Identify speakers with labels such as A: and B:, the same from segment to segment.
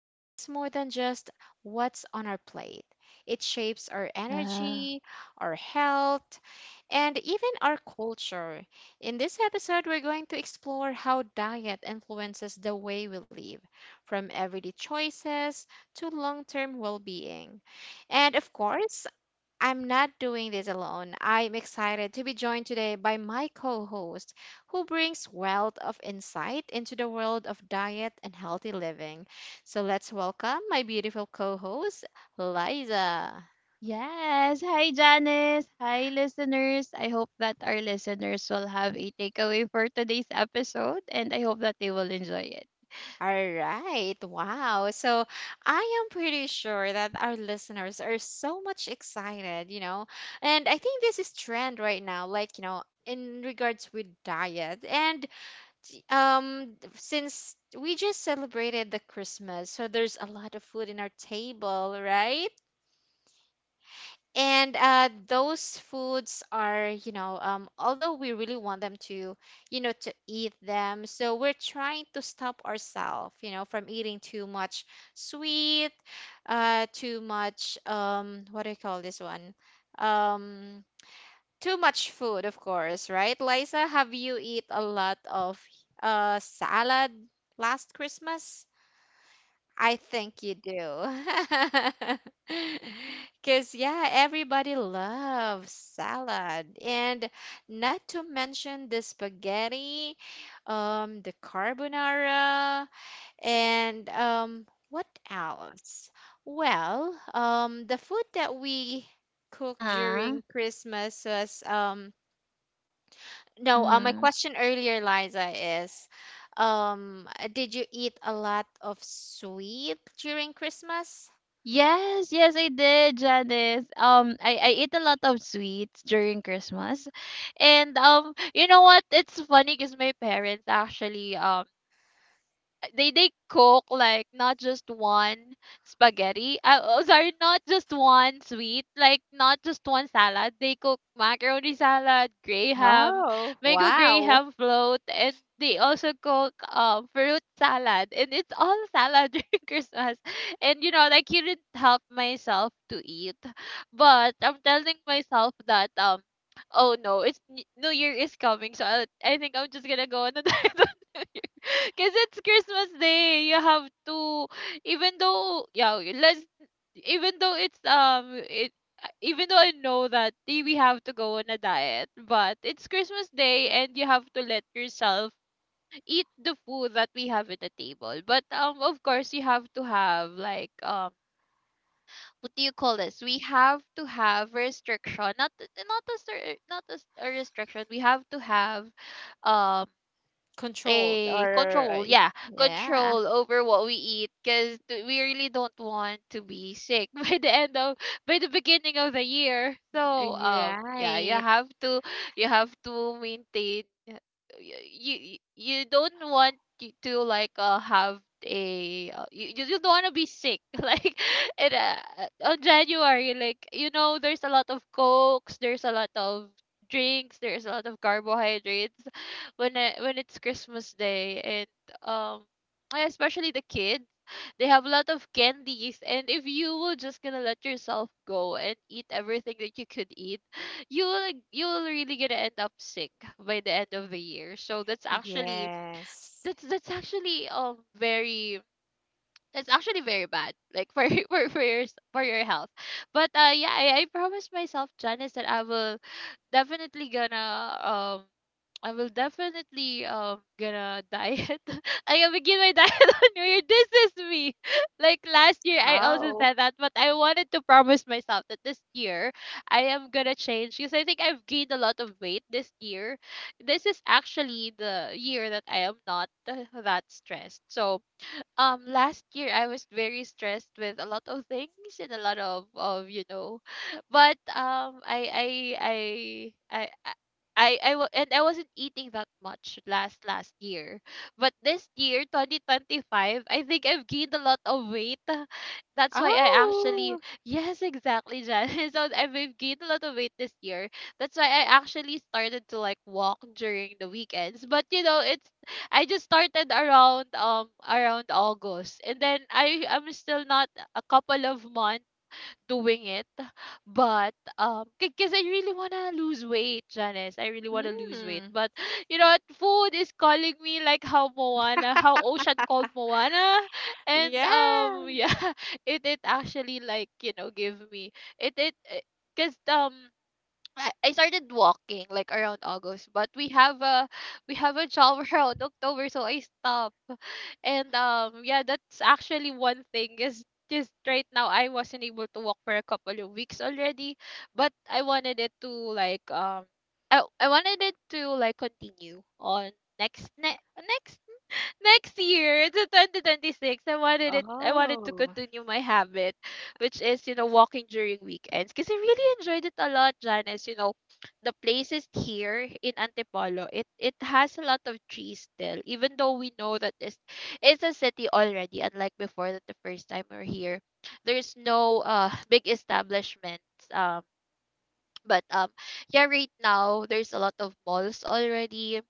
A: Diet is more than just what's on our plate. It shapes our
B: Ah,
A: energy, our health, and even our culture. In this episode, we're going to explore how diet influences the way we live, from everyday choices to long term well being. And of course, I'm not doing this alone. I'm excited to be joined today by my co host, who brings wealth of insight into the world of diet and healthy living. So let's welcome my beautiful co host, Liza.
B: yes. Hi, Janice. Hi, listeners. I hope that our listeners will have a takeaway for today's episode, and I hope that they will enjoy it.
A: All right, wow. So I am pretty sure that our listeners are so much excited. And I think this is trend right now, like, in regards with diet. And since we just celebrated the Christmas, so there's a lot of food in our table, right? And those foods are, although we really want them to, to eat them, so we're trying to stop ourselves, from eating too much sweet, too much, what do you call this one, um too much food, of course, right? Liza, have you eat a lot of salad last Christmas? I think you do. Because, yeah, everybody loves salad. And not to mention the spaghetti, the carbonara, and what else? Well, the food that we
B: Uh
A: cooked
B: huh.
A: during Christmas was... No, my
B: Mm-hmm.
A: question earlier, Liza, is, did you eat a lot of sweet during Christmas?
B: Yes, yes, I did, Janice. I ate a lot of sweets during Christmas, and you know what? It's funny because my parents actually they cook like not just one spaghetti. Oh, sorry, not just one sweet, like not just one salad. They cook macaroni salad, gray ham,
A: Oh,
B: mango gray
A: wow.
B: ham float, and they also cook fruit salad. And it's all salad during Christmas. And you know, like couldn't help myself to eat, but I'm telling myself that. Oh no, it's New Year is coming, so I think I'm just gonna go on a diet. Because it's Christmas Day, you have to, even though, yeah, even though even though I know that we have to go on a diet, but it's Christmas Day and you have to let yourself eat the food that we have at the table. But, of course, you have to have, what do you call this? We have to have restriction, not, not a, cer- not a, s- a restriction. We have to have, um
A: Controlled. Or,
B: control, yeah,
A: yeah,
B: control over what we eat because we really don't want to be sick by the end of by the beginning of the year. So
A: you're
B: yeah, you
A: right.
B: have to maintain. You don't want to like have a you, you just don't want to be sick like it, uh, on January, like you know, there's a lot of cokes, there's a lot of drinks, there's a lot of carbohydrates when when it's Christmas Day. And yeah, especially the kids, they have a lot of candies. And if you will just gonna let yourself go and eat everything that you could eat, you will like, you will really gonna end up sick by the end of the year. So that's actually
A: Yes.
B: that's actually very that's actually very bad, like for for your for your health. But yeah, I promised myself, Janice, that I will definitely gonna I will definitely gonna diet. I gonna begin my diet on New Year. This is me. Like last year, I also
A: Oh,
B: said that, but I wanted to promise myself that this year I am gonna change because I think I've gained a lot of weight this year. This is actually the year that I am not that stressed. So last year I was very stressed with a lot of things and a lot of you know. But I I I I wa- and I wasn't eating that much last year, but this year 2025 I think I've gained a lot of weight. That's why I actually
A: oh.
B: yes exactly, Jan. So I've gained a lot of weight this year. That's why I actually started to like walk during the weekends. But you know, it's I just started around around August, and then I am still not a couple of months doing it. But because I really want to lose weight, Janice, I really want to lose weight.
A: Mm,
B: But you know what, food is calling me like how Moana, how Ocean called Moana. And
A: yeah.
B: yeah, it actually like you know give me it it Because I started walking like around August, but we have a job around October, so I stopped. And yeah, that's actually one thing is just right now I wasn't able to walk for a couple of weeks already, but I wanted it to like I wanted it to like continue on next ne- next next year to 2026. I wanted it I wanted to
A: Oh.
B: continue my habit, which is you know walking during weekends, because I really enjoyed it a lot, Janice. You know, the places here in Antipolo, it has a lot of trees still, even though we know that this is a city already. Unlike before, that the first time we're here, there's no big establishments. Um but yeah, right now there's a lot of malls already.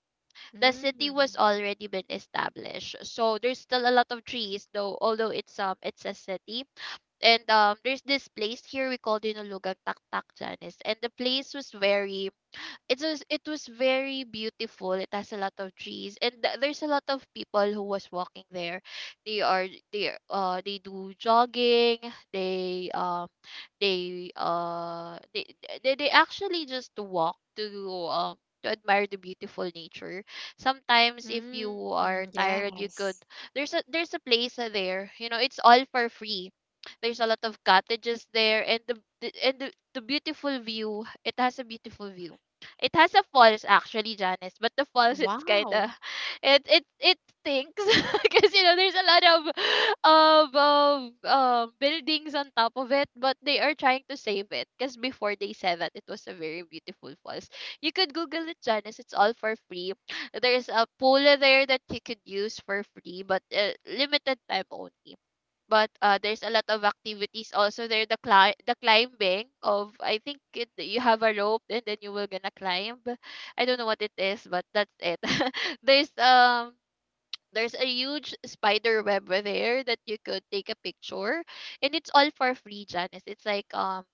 B: The city was
A: Mm,
B: already been established, so there's still a lot of trees though, although it's a city. And there's this place here we called Dinulugang Taktak, Janice, and the place was very it was very beautiful. It has a lot of trees, and there's a lot of people who was walking there. They are they do jogging. They they uh they they actually just walk um to admire the beautiful nature. Sometimes if
A: mm,
B: you are
A: yes.
B: tired, you could there's a place there. You know, it's all for free. There's a lot of cottages there, and the beautiful view, it has a beautiful view. It has a falls actually, Janice, but the falls, it's
A: Wow.
B: kinda it stinks because you know there's a lot of buildings on top of it. But they are trying to save it because before they said that it was a very beautiful falls. You could Google it, Janice. It's all for free. There's a pool there that you could use for free, but limited time only. But there's a lot of activities also there. The the climbing of, I think it, you have a rope and then you will gonna climb. I don't know what it is, but that's it. There's there's a huge spider web there that you could take a picture, and it's all for free, Janice. It's like um,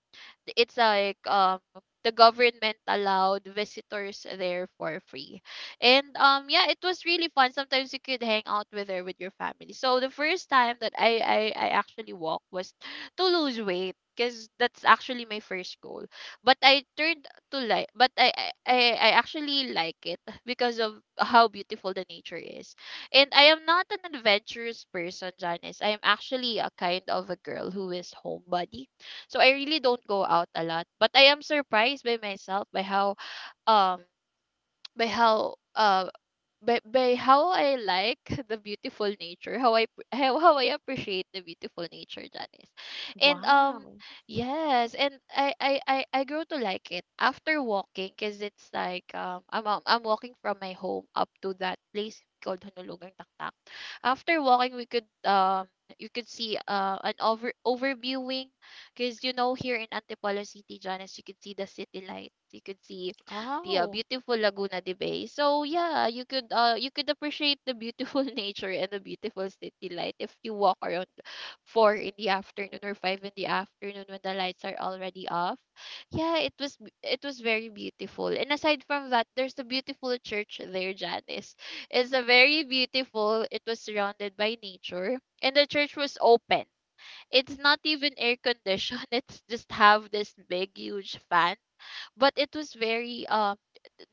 B: th- it's like the government allowed visitors there for free. And yeah, it was really fun. Sometimes you could hang out with there with your family. So the first time that I actually walked was to lose weight. Because that's actually my first goal. But I turned to like, but I actually like it because of how beautiful the nature is. And I am not an adventurous person, Janice. I am actually a kind of a girl who is homebody. So I really don't go out a lot. But I am surprised by myself by how um by how by how I like the beautiful nature, how I appreciate the beautiful nature, Janice. And
A: Wow.
B: yes, and I grew to like it after walking because it's like I'm walking from my home up to that place called Honulugang Taktak. After walking, we could you could see an overviewing, because you know here in Antipolo City, Janice, you could see the city lights, you could see yeah,
A: Oh.
B: beautiful Laguna de Bay. So yeah, you could appreciate the beautiful nature and the beautiful city light if you walk around four in the afternoon or five in the afternoon when the lights are already off. Yeah, it was very beautiful. And aside from that, there's a beautiful church there, Janice. It's a very beautiful. It was surrounded by nature, and the church was open. It's not even air conditioned. It's just have this big huge fan, but it was very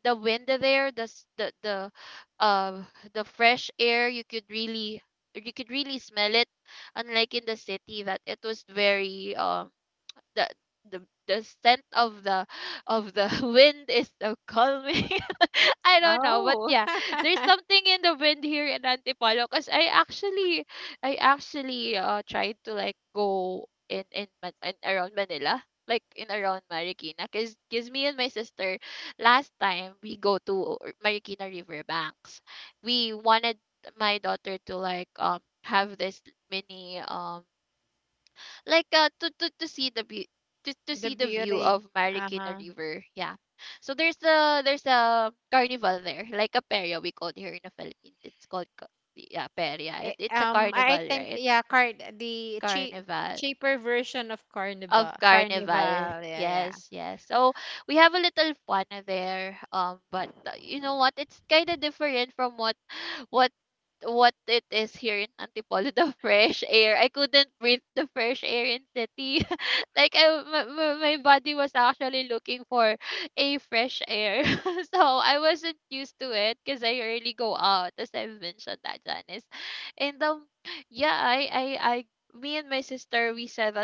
B: the wind there, the s- uh the fresh air, you could really smell it, unlike in the city that it was very the the the scent of the wind is so calming. I don't know, but
A: Oh.
B: yeah, there's something in the wind here in Antipolo. Because I actually tried to like go in, Man- in around Manila, like in around Marikina, cause me and my sister last time we go to Marikina riverbanks. We wanted my daughter to like have this mini like to see the view, to
A: The
B: see the view of
A: beauty.
B: Marikina
A: Uh-huh.
B: River. Yeah. So there's a carnival there, like a peria we call it here in the Philippines. It's called peria, and
A: Eh,
B: it's a
A: um, I I
B: carnival,
A: think,
B: right?
A: yeah, car the
B: Carnival
A: cheaper version of
B: of
A: carnival.
B: carnival,
A: Carnival. Yeah, yeah.
B: yes, yes. So we have a little fun there, but you know what, it's kind of different from what what what it is here in Antipolo. The fresh air, I couldn't breathe the fresh air in city. Like I, my body was actually looking for a fresh air. So I wasn't used to it because I rarely go out, as I've mentioned that, Janice. And yeah I Me and my sister, we said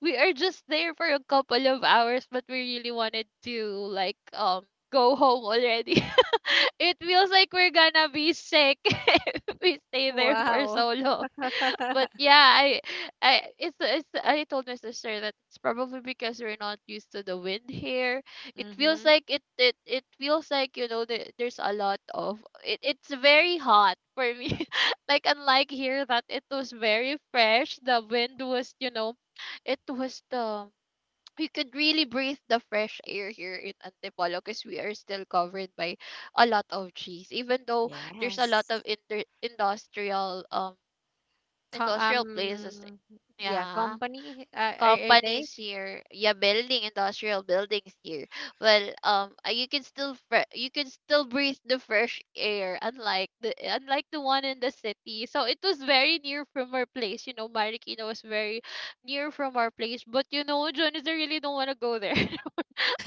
B: we are just there for a couple of hours, but we really wanted to like um go home already. It feels like we're gonna be sick if we stay there for
A: Wow.
B: so long. But yeah, I told my sister that it's probably because we're not used to the wind here. It feels
A: Mm-hmm.
B: like it feels like, you know, there's a lot of it. It's very hot for me. Like unlike here, that it was very fresh. The wind was, you know, it was the, you could really breathe the fresh air here in Antipolo because we are still covered by a lot of trees, even though there's a lot
A: Yes.
B: of industrial
A: Co
B: industrial places. Eh,
A: yeah,
B: yeah.
A: company, are they?
B: Companies here. Yeah, building industrial buildings here. Well, you can still you can still breathe the fresh air, unlike the one in the city. So it was very near from our place, you know, Marikina was very near from our place, but you know, John, is I really don't want to go there.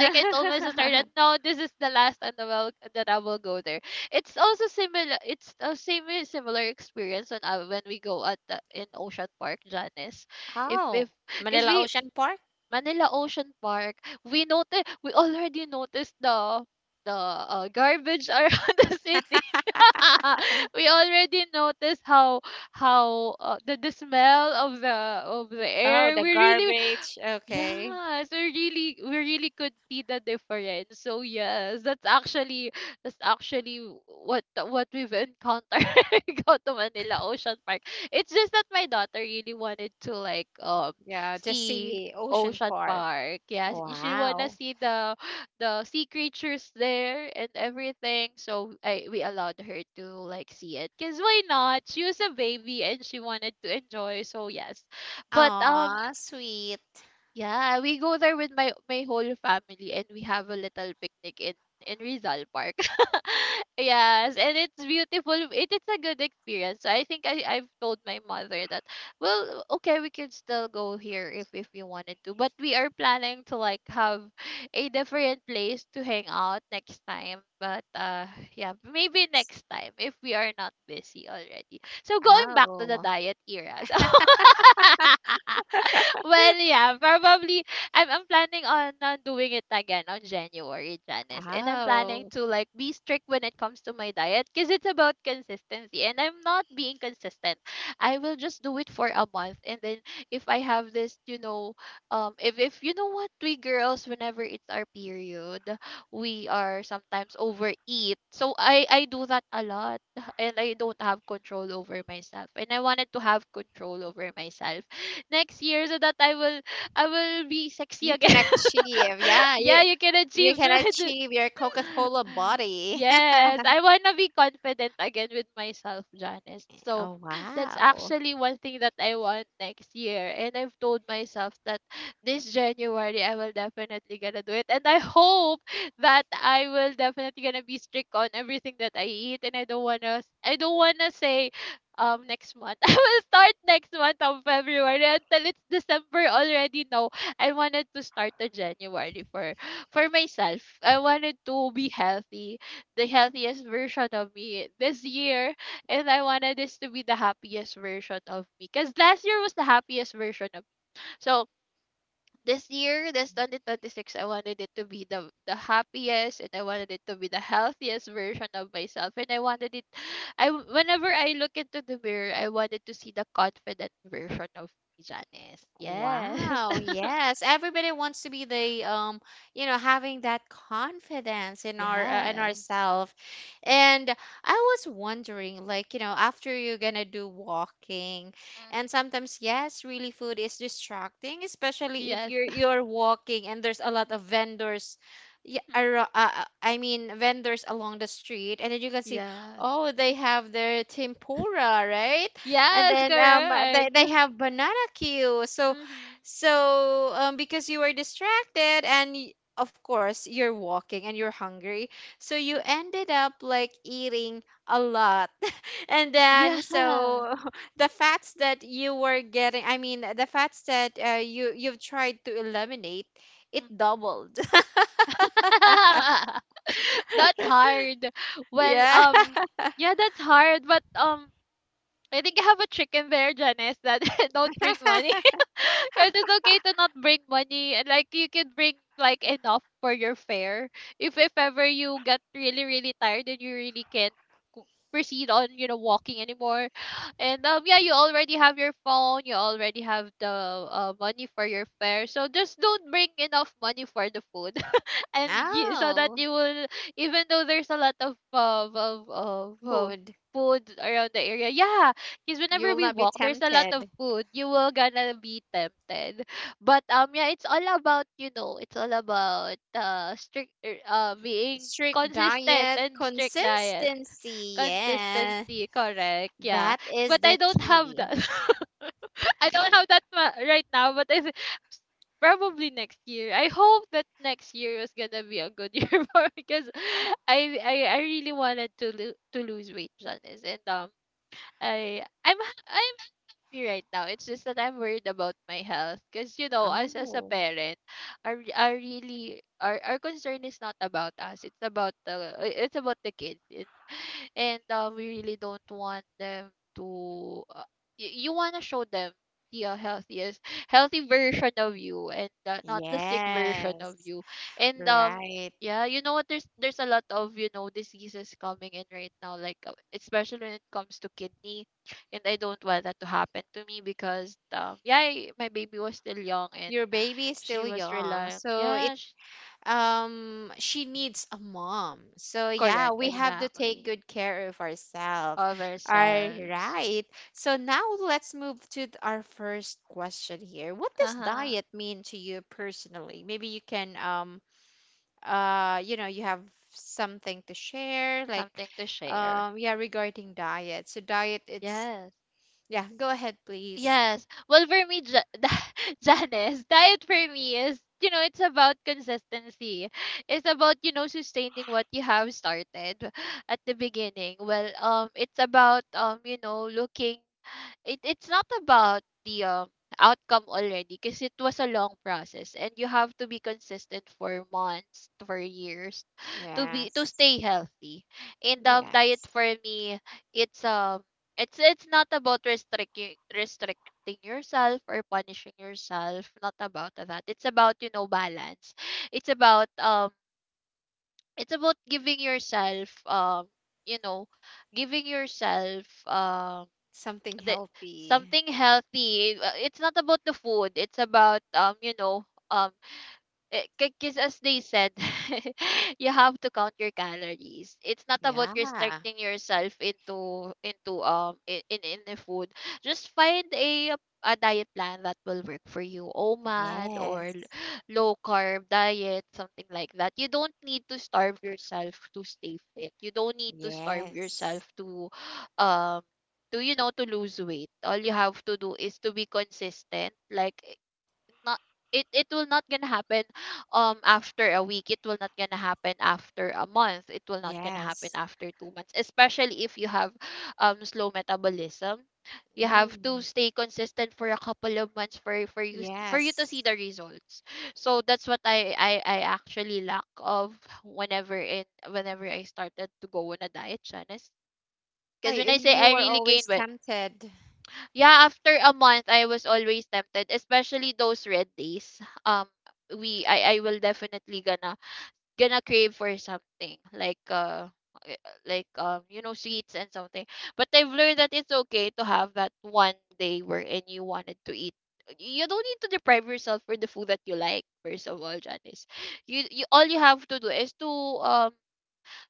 B: Like I told my sister that no, this is the last and the will that I will go there. It's also similar. It's a same similar experience when we go at the, in Ocean Park, Janice. If
A: Oh,
B: because
A: Manila
B: we
A: Ocean Park?
B: Manila Ocean Park, we already noticed the the garbage around the city. We already noticed how the smell of the
A: Oh,
B: air.
A: the
B: We really,
A: garbage. Okay.
B: yeah, so really we really could see the difference. So yes, that's actually what we've encountered when we go to Manila Ocean Park. It's just that my daughter really wanted to
A: Yeah, just
B: see
A: see Ocean
B: Ocean
A: Park.
B: Park. Yeah, she wanna
A: Wow.
B: see the sea creatures there and everything. So I, we allowed her to like see it, cause why not? She was a baby and she wanted to enjoy. So yes, but
A: Aw, sweet.
B: yeah, we go there with my whole family and we have a little picnic in Rizal Park. Yes, and it's beautiful. It is a good experience. So I think I I've told my mother that, well, okay, we can still go here if we wanted to, but we are planning to like have a different place to hang out next time. But Yeah, maybe next time if we are not busy already. So going back to the
A: Oh.
B: diet era. So Well, yeah, probably I'm planning on doing it again on January, Janice. And I'm planning
A: Oh,
B: to like be strict when it comes to my diet because it's about consistency, and I'm not being consistent. I will just do it for a month, and then if I have this, you know, if you know what, we girls, whenever it's our period, we are sometimes overeat. So I do that a lot and I don't have control over myself. And I wanted to have control over myself next year so that I will be sexy
A: you can
B: again.
A: achieve. Yeah,
B: Yeah,
A: you
B: you can
A: you
B: achieve
A: can
B: that.
A: achieve your Coca-Cola body.
B: Yes, I want to be confident again with myself, Janice. So
A: Oh,
B: that's
A: wow.
B: actually one thing that I want next year. And I've told myself that this January I will definitely gonna do it. And I hope that I will definitely gonna be strict on everything that I eat. And I don't wanna say next month. I will start next month of February until it's December already. No, I wanted to start the January for myself. I wanted to be healthy, the healthiest version of me this year, and I wanted this to be the happiest version of me. Cause last year was the happiest version of me. So this year, this 2026, I wanted it to be the happiest, and I wanted it to be the healthiest version of myself, and I wanted it. I Whenever I look into the mirror, I wanted to see the confident version of me, Janice. Yes,
A: Wow, yes. Everybody wants to be the, having that confidence in our in
B: yes,
A: ourself. And I was wondering, like, after you're gonna do walking,
B: Mm.
A: and sometimes yes, really food is distracting, especially if
B: Yes.
A: you're you're walking and there's a lot of vendors. Yeah,
B: Mhm.
A: I mean vendors along the street, and then you can see,
B: Yes.
A: oh, they have their tempura, right? And
B: Yes,
A: then they,
B: correct.
A: they have banana queue. So
B: Mhm.
A: so um because you were distracted, and of course you're walking and you're hungry. So you ended up like eating a lot. And then,
B: Yeah.
A: so the fats that you were getting, I mean the fats that you've tried to eliminate, it doubled.
B: That's hard. Well,
A: Yeah.
B: yeah, that's hard, but I think I have a trick in there, Janice, that don't bring money. Because it's okay to not bring money. Like you can bring like enough for your fare. If ever you get really, really tired and you really can't proceed on, you know, walking anymore. And Yeah, you already have your phone, you already have the money for your fare. So just don't bring enough money for the food and you, so that
A: No.
B: you will, even though there's a lot of
A: Food.
B: food around the area. Yeah, because
A: You
B: whenever
A: will
B: we
A: not be
B: walk, there's a lot of
A: tempted.
B: food, you will gonna be tempted. But Yeah, it's all about, you know, it's all about strict being
A: Strict
B: consistent
A: diet,
B: and strict diet,
A: consistency. Yeah,
B: consistency, correct. Yeah,
A: that is
B: but
A: the
B: I don't have
A: key.
B: that. I don't have that right now, but I probably next year. I hope that next year is gonna be a good year for, because I really wanted to to lose weight, Janice, and I'm I'm happy right now. It's just that I'm worried about my health, because you know, us as a
A: Oh,
B: parent, are our really our concern is not about us. It's about the kids. It- and We really don't want them to. You want to show them the healthiest, healthy version of you, and not the sick version of
A: yes,
B: you. And
A: right.
B: Yeah, you know what? There's a lot of, you know, diseases coming in right now, like especially when it comes to kidney, and I don't want that to happen to me because yeah, my baby was still young and
A: Your baby is
B: she
A: still
B: was
A: young,
B: relying,
A: so
B: yeah,
A: it she needs a mom. So yeah,
B: correct,
A: we have to take
B: exactly,
A: good care of ourselves.
B: of
A: All
B: ourselves.
A: right. So now let's move to our first question here. What
B: Uh
A: does
B: huh
A: diet mean to you personally? Maybe you can, you have something to share, like,
B: something to share.
A: yeah, regarding diet. So diet, it's...
B: Yes,
A: yeah, go ahead, please.
B: yes. Well, for me, Janice, diet for me is, you know, it's about consistency. It's about, you know, sustaining what you have started at the beginning. Well, it's about, you know, looking, it it's not about the outcome already, because it was a long process and you have to be consistent for months, for years, to be to
A: Yes.
B: stay healthy. And Diet
A: Yes,
B: for me, it's um it's not about restricting yourself or punishing yourself, not about that. It's about, you know, balance. It's about it's about giving yourself, you know, giving yourself,
A: something
B: that
A: healthy.
B: something healthy. It's not about the food, it's about, you know, because as they said, you have to count your calories. It's not about
A: Yeah.
B: restricting yourself into in the food. Just find a diet plan that will work for you. OMAD or
A: Yes.
B: low carb diet, something like that. You don't need to starve yourself to stay fit. You don't need to starve
A: Yes.
B: yourself to um to, you know, to lose weight. All you have to do is to be consistent. Like not, it it will not gonna happen after a week, it will not gonna happen after a month, it will not gonna happen
A: Yes.
B: after 2 months, especially if you have slow metabolism. You have to
A: Mm,
B: stay consistent for a couple of months, for you for you to see
A: yes.
B: the results. So that's what I actually lack of, whenever I started to go on a diet, Janice.
A: Ah,
B: Because when I say
A: you
B: I
A: were
B: really gained,
A: always tempted.
B: yeah, after a month, I was always tempted, especially those red days. Um, we I will definitely gonna crave for something like eh, like, you know, sweets and something. But I've learned that it's okay to have that one day wherein you wanted to eat. You don't need to deprive yourself for the food that you like. First of all, Janice, you all you have to do is um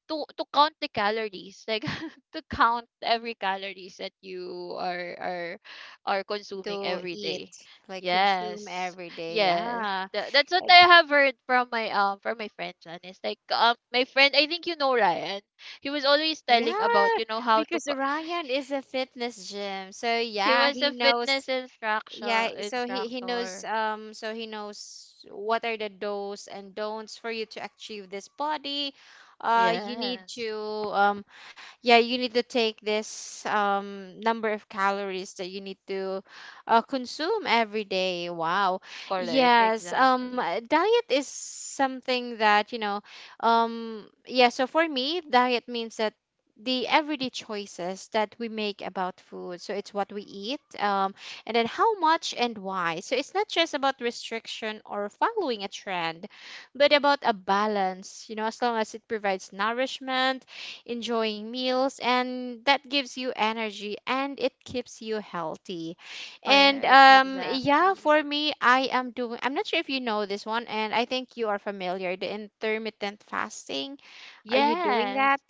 B: to count the calories, like to count every calories that you are
A: Going
B: consuming
A: to
B: every
A: eat,
B: day.
A: like, consume
B: Yes,
A: every day,
B: yes.
A: yeah.
B: That's what I have heard from my, from my friend, Janice. Like, my friend, I think you know Ryan, he was always telling about,
A: Yeah,
B: you know, how to
A: because Ryan is a fitness gym. So
B: he
A: yeah,
B: was
A: he
B: a fitness
A: knows. Yeah,
B: instructor,
A: so he knows,
B: instructor.
A: so he knows what are the do's and don'ts for you to achieve this body. You need
B: Yes,
A: to, um yeah you need to take this, number of calories that you need to, consume every day. Wow.
B: correct,
A: Yes.
B: exactly,
A: Diet is something that, you know, yeah so for me diet means that the everyday choices that we make about food. So it's what we eat, and then how much and why. So it's not just about restriction or following a trend, but about a balance, you know, as long as it provides nourishment, enjoying meals, and that gives you energy and it keeps you healthy. And
B: correct,
A: yeah,
B: exactly.
A: for me, I am doing... I'm not sure if you know this one, and I think you are familiar: the intermittent fasting. Are you doing that?
B: Yes.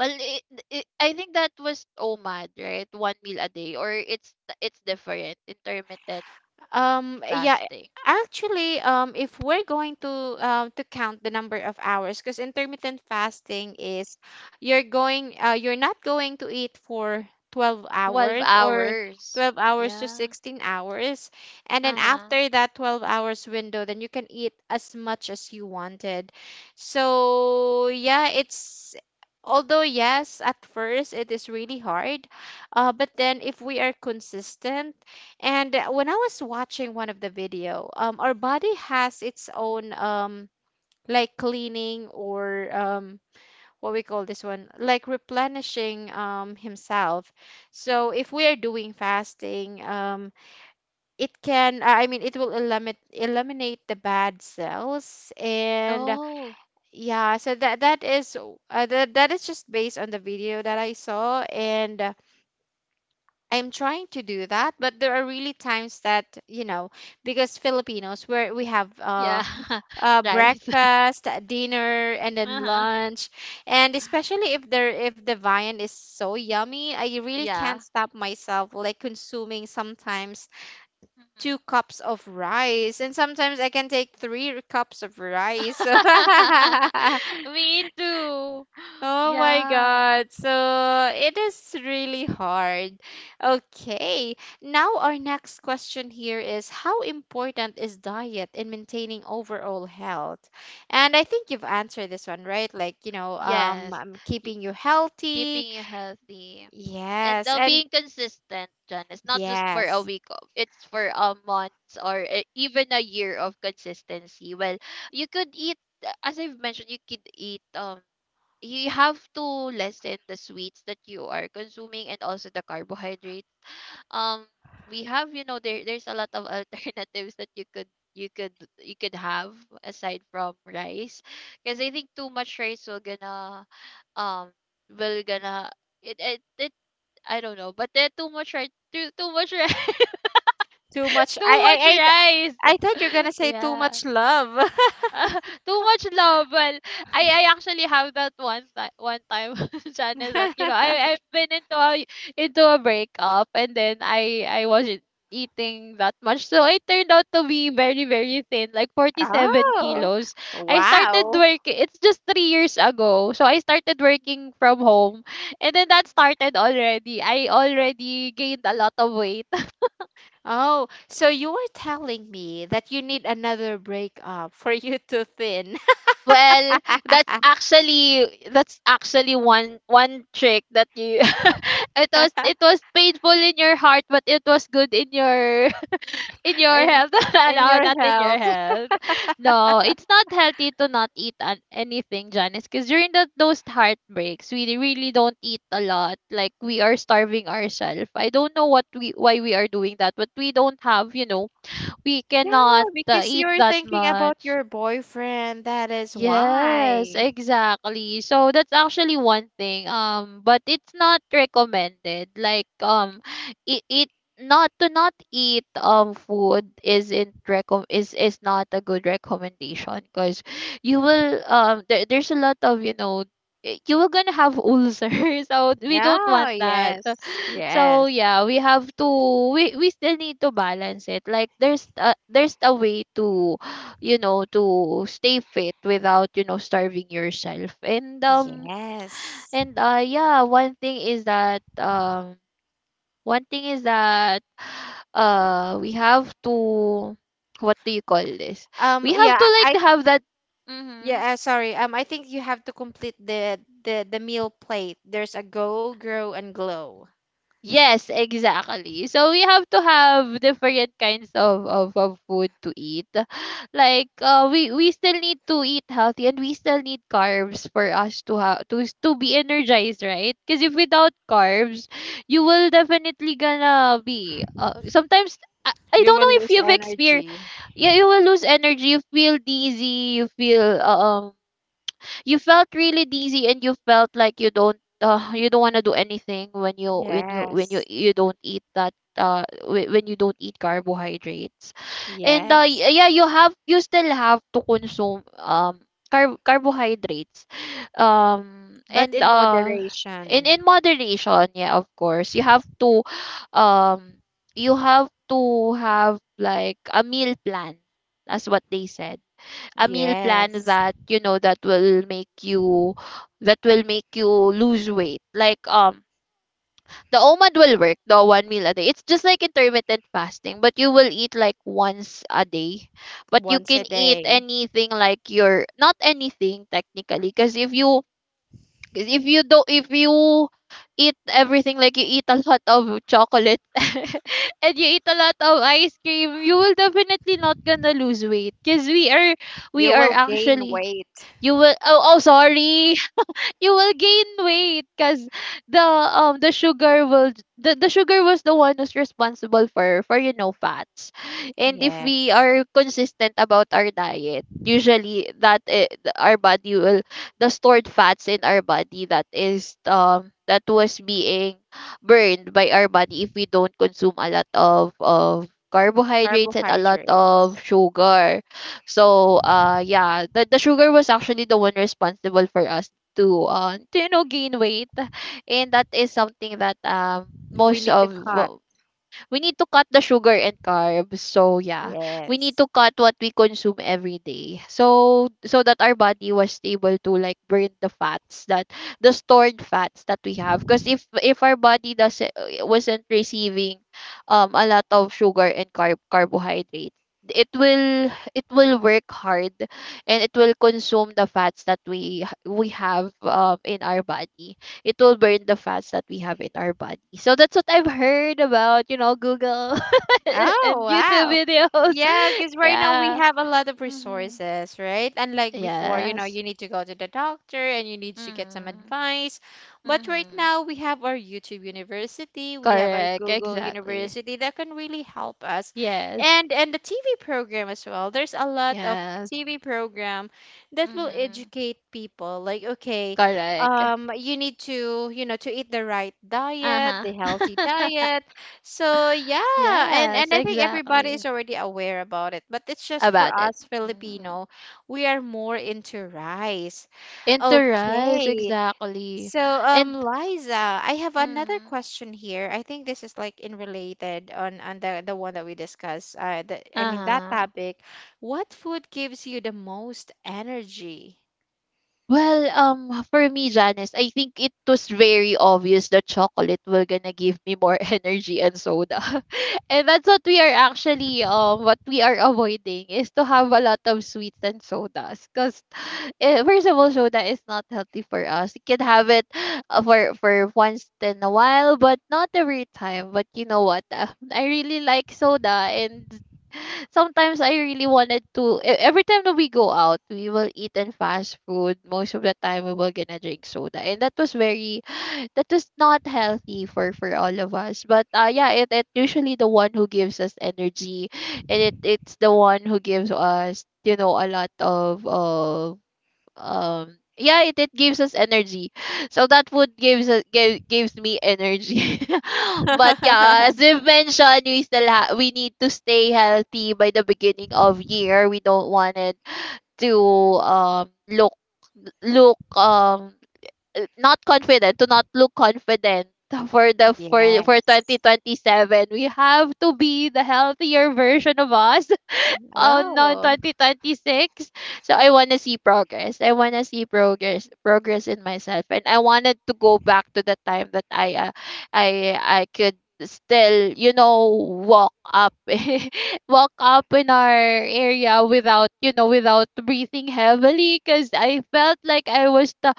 B: Well, it, I think that was OMAD, right? One meal a day, or it's different. Intermittent
A: Yeah,
B: fasting,
A: actually, if we're going to count the number of hours, because intermittent fasting is, you're going, you're not going to eat for 12
B: twelve
A: hours, or
B: hours.
A: 12 hours to
B: Yeah.
A: 16 hours, and then
B: Uh-huh.
A: after that 12 hours window, then you can eat as much as you wanted. So yeah, it's... although yes, at first it is really hard, but then if we are consistent. And when I was watching one of the video, our body has its own, like cleaning, or, what we call this one, like replenishing, himself. So if we are doing fasting, it can, I mean, it will eliminate the bad cells. And
B: Oh,
A: yeah, so that that is, that that is just based on the video that I saw. And I'm trying to do that, but there are really times that, you know, because Filipinos, where we have,
B: yeah. Rice.
A: breakfast, dinner, and then
B: Uh-huh.
A: lunch, and especially if there, if the viand is so yummy, I really can't
B: Yeah.
A: stop myself, like consuming sometimes
B: Mhm.
A: two cups of rice, and sometimes I can take three cups of rice. So
B: Me too.
A: Oh my
B: Yeah.
A: God. So it is really hard.
B: Mm.
A: Okay. Now, our next question here is: how important is diet in maintaining overall health? And I think you've answered this one, right? Like, you know,
B: Yes.
A: keeping you healthy.
B: Keeping you healthy, and
A: Yes. And
B: being consistent, John. It's not just for a
A: yes.
B: week it's for a month or even a year of consistency. Well, you could eat, as I've mentioned, you could eat, you have to lessen the sweets that you are consuming and also the carbohydrates. um we have, you know, there's a lot of alternatives that you could, you could you could have aside from rice, because I think too much rice will gonna, um will gonna, it I don't know, but then too much rice, too much rice,
A: Too much.
B: too much rice.
A: I thought you're gonna say too
B: Yeah.
A: much love.
B: Too much love. Well, I actually have that one time, Janice, that you know I I've been into a, into a breakup, and then I wasn't eating that much, so I turned out to be very very thin, like forty seven
A: Oh,
B: kilos. I started
A: wow.
B: working. It's just 3 years ago, so I started working from home, and then that started already. I already gained a lot of weight.
A: Oh, so you are telling me that you need another breakup for you to thin.
B: Well, that's actually, that's actually one trick that you it was, it was painful in your heart, but it was good in your in your
A: in
B: health.
A: in
B: No,
A: your
B: not in your
A: health.
B: health. No, it's not healthy to not eat anything, Janice, because during those heartbreaks, we really don't eat a lot. Like, we are starving ourselves. I don't know what we, why we are doing that, but we don't have, you know, we cannot
A: Yeah, because
B: eat
A: you're
B: that
A: thinking about
B: much.
A: your boyfriend. That is
B: Yes,
A: why.
B: exactly. So that's actually one thing. But it's not recommended. Like, it, it not to not eat food isn't recom is not a good recommendation, because you will, there's a lot of, you know, you will gonna have ulcers. So we don't want
A: Yeah,
B: that.
A: yes.
B: So
A: Yes.
B: yeah, we have to, we still need to balance it. Like, there's a way to, you know, to stay fit without, you know, starving yourself. And
A: Yes.
B: yeah, one thing is that, one thing is that uh, we have to, what do you call this, we have to
A: Yeah, I
B: like have that, mm-hmm.
A: yeah, sorry. I think you have to complete the meal plate. There's a go, grow, and glow.
B: Yes, exactly. So we have to have different kinds of, of food to eat. Like, we still need to eat healthy, and we still need carbs for us to have to to be energized, right? Because if without carbs, you will definitely gonna be, sometimes, I
A: You
B: don't
A: will
B: know if
A: lose
B: you've experienced.
A: energy.
B: Yeah, you will lose energy, you feel dizzy, you feel you felt really dizzy, and you felt like you don't, you don't want to do anything when you, when
A: Yes.
B: you don't eat that, when you don't eat carbohydrates. And
A: Yes.
B: yeah, you have, you still have to consume, carbohydrates,
A: But
B: and
A: in
B: in
A: moderation.
B: moderation. Yeah, of course, you have to, um you have to have like a meal plan, that's what they said, a meal plan
A: Yes.
B: that, you know, that will make you, lose weight. Like, the OMAD will work, the one meal a day. It's just like intermittent fasting, but you will eat like once a day. But you
A: Once a
B: can eat
A: day.
B: anything, like, your, not anything technically, because if you, 'cause if you don't if you eat everything, like you eat a lot of chocolate, and you eat a lot of ice cream, you will definitely not gonna lose weight, because we are,
A: You
B: we
A: will
B: are
A: gain
B: actually
A: weight.
B: you will. Oh, sorry, you will gain weight, because the, the sugar will, the sugar was the one who's responsible for, you know, fats. And if we
A: Yes.
B: are consistent about our diet, usually that, our body will, the stored fats in our body that is, that was being burned by our body if we don't consume a lot of, carbohydrates and a lot of
A: Carbohydrates.
B: sugar. So yeah, the sugar was actually the one responsible for us to, to, you know, gain weight. And that is something that,
A: We
B: most
A: need to
B: of
A: cut.
B: we need to cut the sugar and carbs. So yeah, we need
A: Yes.
B: to cut what we consume every day. So that our body was able to like burn the fats that, the stored fats that we have. Because if, our body doesn't, wasn't receiving a lot of sugar and carbohydrates, it will, work hard, and it will consume the fats that we, have in our body. It will burn the fats that we have in our body. So that's what I've heard about, you know, Google
A: Oh,
B: and YouTube
A: wow.
B: videos.
A: Yeah, because right now we
B: Yeah.
A: have a lot of
B: Mm-hmm.
A: resources, right? Unlike before, you know,
B: Yes.
A: you need to go to the doctor and you need to get some
B: Mm-hmm.
A: advice. But right
B: Mm-hmm.
A: now we have our YouTube University, we have our
B: Correct.
A: Google
B: Exactly.
A: University that can really help us.
B: Yes.
A: And the TV program as well. There's a lot of
B: Yes.
A: TV program that will
B: Mm-hmm.
A: educate people. Like, okay,
B: Correct.
A: you need to, you know, to eat the right diet,
B: Uh-huh.
A: the healthy diet. So yeah, and
B: Yes,
A: and I think everybody
B: exactly.
A: is already aware about it, but it's just for
B: About it.
A: us
B: Mm-hmm.
A: Filipino, we are more into rice.
B: Into rice,
A: Okay.
B: exactly.
A: So
B: And
A: Liza, I have another
B: mm-hmm,
A: question here. I think this is like in related on the one that we discussed. I mean that
B: uh-huh.
A: topic. What food gives you the most energy?
B: Well, for me, Janice, I think it was very obvious that chocolate will gonna give me more energy, and soda. And that's what we are actually, what we are avoiding, is to have a lot of sweets and sodas. Because, first of all, soda is not healthy for us. You can have it, for once in a while, but not every time. But you know what? I really like soda. And sometimes I really wanted to every time that we go out, we will eat and fast food. Most of the time we will gonna drink soda. And that was very, that was not healthy for, all of us. But yeah, it usually the one who gives us energy, and it's the one who gives us, you know, a lot of, yeah, it gives us energy. So that food gives us, gives me energy. But yeah, as we've mentioned, we still we need to stay healthy by the beginning of year. We don't want it to, look, look um not confident, to not look confident for the, for
A: Yes.
B: 2027. We have to be the healthier version of us. Oh no,
A: Oh.
B: 2026. So I want to see progress. I want to see progress, progress in myself, and I wanted to go back to the time that I, I could still, you know, walk up, walk up in our area without, you know, without breathing heavily, because I felt like I was the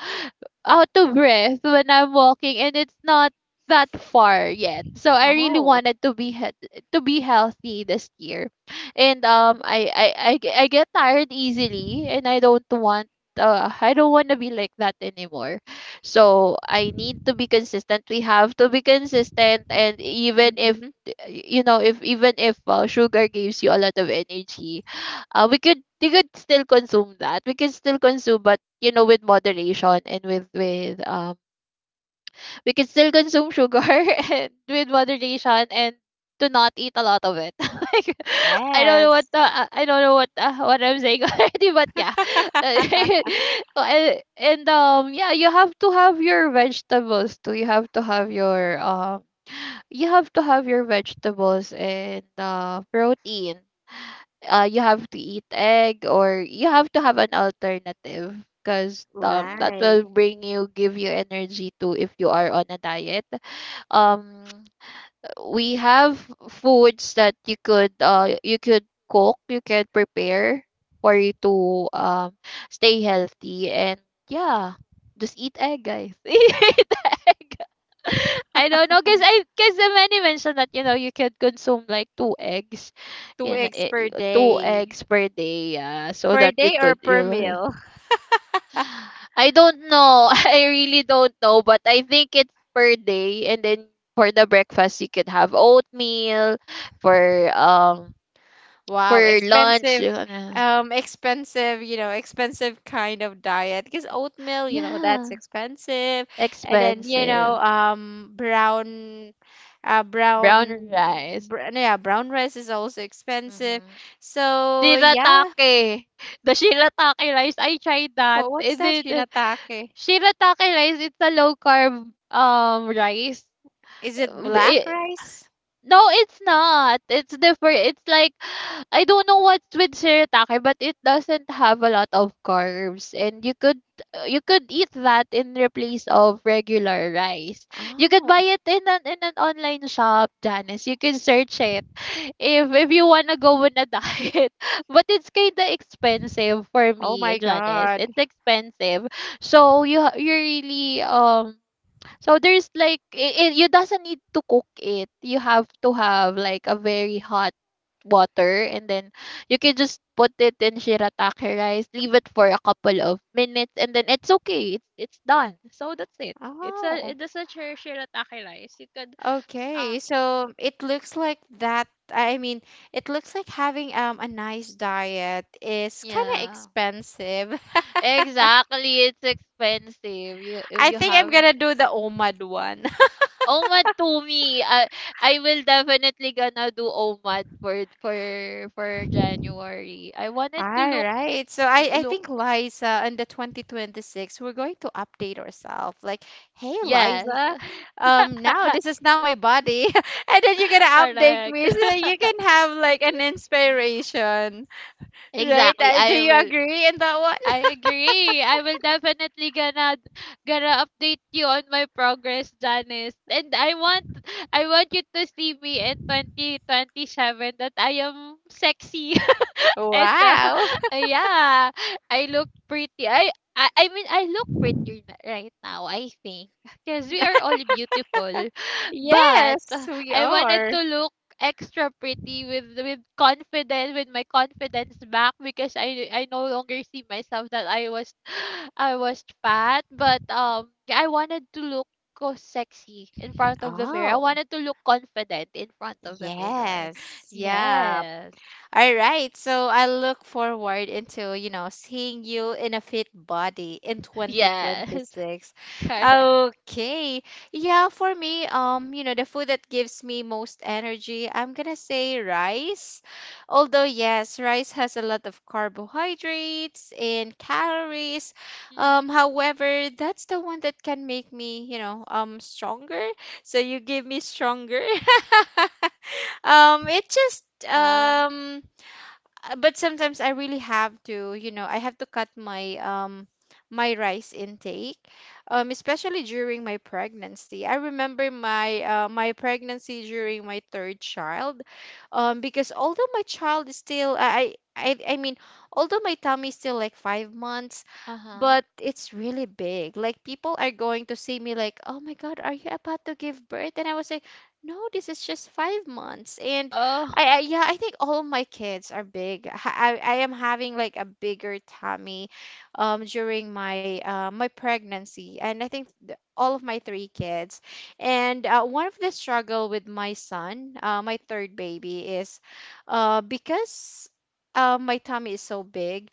B: out of breath when I'm walking, and it's not that far yet. So I really
A: Oh.
B: wanted to be to be healthy this year. And I get tired easily, and I don't want, I don't want to be like that anymore. So I need to be consistent. We have to be consistent. And even if,
A: Mm-hmm.
B: you know, if even if, sugar gives you a lot of energy, we could, still consume that, we can still consume, but you know, with moderation, and with we can still consume sugar and with moderation, and to not eat a lot of it. Like, I don't know what
A: Yes.
B: the, I don't know what, what I'm saying already. But yeah, and, yeah, you have to have your vegetables too. You have to have your, you have to have your vegetables, and protein. You have to eat egg, or you have to have an alternative, because that
A: Right.
B: will bring you, give you energy too, if you are on a diet. um we have foods that you could, you could cook, you can prepare for you to, stay healthy. And yeah, just eat egg, guys. Eat egg. I don't know, because I, because the many mentioned that, you know, you can consume like two eggs
A: Two
B: in
A: eggs per
B: a- two
A: day.
B: eggs per day. Yeah, so
A: Per
B: that you
A: day or
B: could
A: per
B: you.
A: meal?
B: I don't know. I really don't know, but I think it's per day. And then for the breakfast you could have oatmeal, for um for
A: Wow,
B: lunch
A: expensive.
B: you gonna,
A: Expensive, you know, expensive kind of diet because oatmeal, you know, that's
B: yeah,
A: expensive. And then, you know,
B: expensive.
A: brown,
B: Brown
A: brown,
B: rice.
A: br no, yeah, brown rice is also expensive.
B: Mhm.
A: So, yeah.
B: Shirataki. The shirataki rice, I tried that.
A: What, what's
B: And
A: that,
B: then,
A: shinatake?
B: shirataki rice, it's a low carb rice.
A: Is it black rice?
B: No, it's not. It's different. It's like, I don't know what's with shirataki, but it doesn't have a lot of carbs, and you could, you could eat that in the place of regular rice. You could buy
A: Oh,
B: it in an, in an online shop, Janice. You can search it if, you wanna go on a diet, but it's kinda expensive for
A: oh
B: me,
A: my
B: Janice.
A: God.
B: It's expensive, so you you really, so there's like it, you doesn't need to cook it. You have to have like a very hot water and then you can just put it in shirataki rice, leave it for a couple of minutes and then it's okay. It's done. So that's it. It's a
A: Oh.
B: it's a shir- shirataki rice. You could um
A: Okay, so it looks like that. I mean, it looks like having a nice diet is kind of
B: yeah.
A: expensive.
B: Exactly. It's expensive. You if
A: I
B: you
A: think I'm
B: have
A: gonna do the OMAD one.
B: OMAD to me. I will definitely gonna do OMAD for for January. I wanted to
A: All right. So I
B: look
A: think Liza, in the 2026, we're going to update ourselves. Like, hey
B: yes.
A: Liza, now this is now my body. And then you're gonna update
B: Correct.
A: me so that you can have like an inspiration. Right?
B: exactly.
A: Do you agree in that one?
B: I agree. I will definitely gonna update you on my progress, Janice. And I want you to see me in 2027 that I am sexy. And
A: Wow.
B: yeah, I look pretty. I mean I look pretty right now. I think because we are all beautiful, but
A: Yes, we
B: I wanted
A: are.
B: to look extra pretty with confidence with my confidence back because I no longer see myself that I was I was fat but yeah, I wanted to look go sexy in front of the mirror. I
A: Oh,
B: wanted to look confident in front of the mirror.
A: yes. Yeah.
B: Yes.
A: All right, so I look forward into, you know, seeing you in a fit body in
B: Yes.
A: 2026.
B: Correct.
A: Okay. Yeah, for me, you know, the food that gives me most energy, I'm gonna say rice. Although yes, rice has a lot of carbohydrates and calories.
B: Mhm.
A: However, that's the one that can make me, you know, stronger. So you give me stronger. It just
B: Yeah.
A: But sometimes I really have to, you know, I have to cut my my rice intake, especially during my pregnancy. I remember my my pregnancy during my third child, because although my child is still, I mean, although my tummy is still like 5 months,
B: Uh-huh.
A: but it's really big. Like people are going to see me like, "Oh my God, are you about to give birth?" And I was like, "No, this is just 5 months." And
B: Oh.
A: I yeah, I think all my kids are big. I am having like a bigger tummy, during my my pregnancy, and I think all of my three kids. And one of the struggle with my son, my third baby, is, because. My tummy is so big.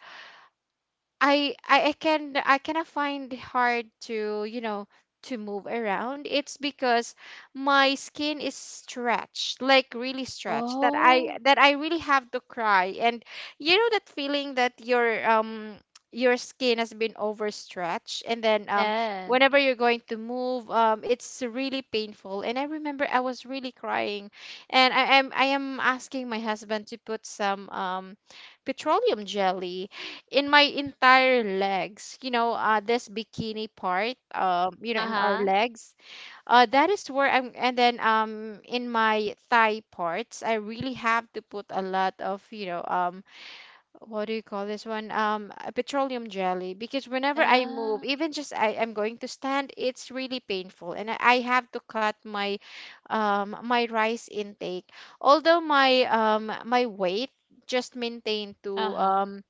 A: I cannot find hard to you know to move around. It's because my skin is stretched, like really stretched,
B: Oh.
A: that I really have to cry. And you know that feeling that your skin has been overstretched, and then
B: Yes.
A: whenever you're going to move, it's really painful. And I remember I was really crying, and I am asking my husband to put some petroleum jelly in my
B: Mhm.
A: entire legs, this bikini part, in our
B: Uh-huh.
A: legs. That is where I'm, and then in my thigh parts I really have to put a lot of, what do you call this one? Petroleum jelly, because whenever I move,
B: Yeah.
A: even just I am going to stand, it's really painful. And I have to cut my rice intake, although my weight just maintained to,
B: Uh-huh.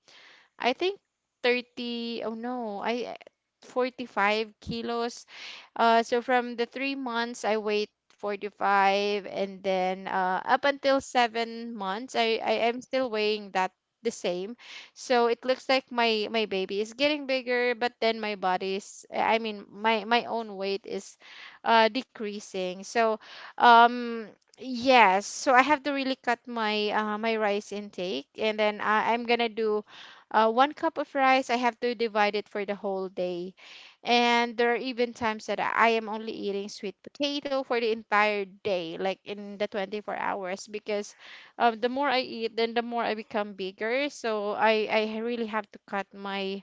A: I think 30, oh no, I 45 kilos. So from the 3 months, I wait four to five, and then up until 7 months, I am still weighing that the same. So it looks like my baby is getting bigger, but then my body's I mean my own weight is decreasing. So um yes, so I have to really cut my rice intake, and then I'm gonna do 1 cup of rice. I have to divide it for the whole day. And there are even times that I am only eating sweet potato for the entire day, like in the 24 hours, because the more I eat, then the more I become bigger. So I really have to cut my,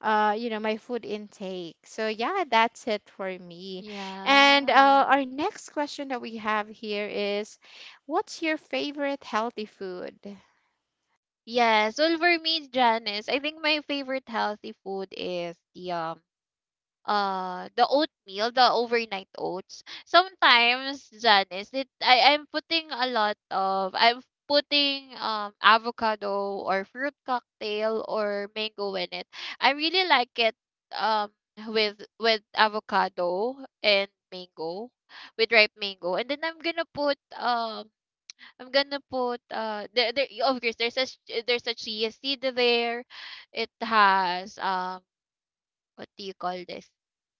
A: uh, you know, my food intake. So yeah, that's it for me. And
B: Yes.
A: our next question that we have here is, what's your favorite healthy food?
B: Yes. Well, for me, Janice, I think my favorite healthy food is the oatmeal, the overnight oats. Sometimes, Janice, it I I'm putting a lot of I'm putting avocado or fruit cocktail or mango in it. I really like it um with avocado and mango with ripe mango and then I'm gonna put there, of course there's a there's a chia seed there. It has what do you call this?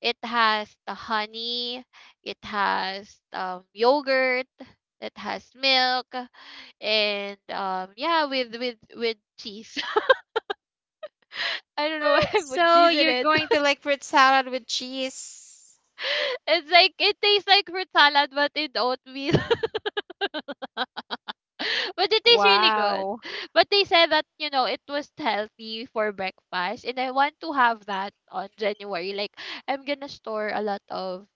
B: It has the honey, it has yogurt, it has milk, and yeah, with with cheese. I don't know why I put
A: So
B: cheese in
A: you're
B: it.
A: going to like fruit salad with cheese.
B: It's like it tastes like fruit salad but in oatmeal. But it tastes really good.
A: Wow.
B: But they said that you know it was healthy for breakfast, and I want to have that on January. Like I'm gonna store a lot of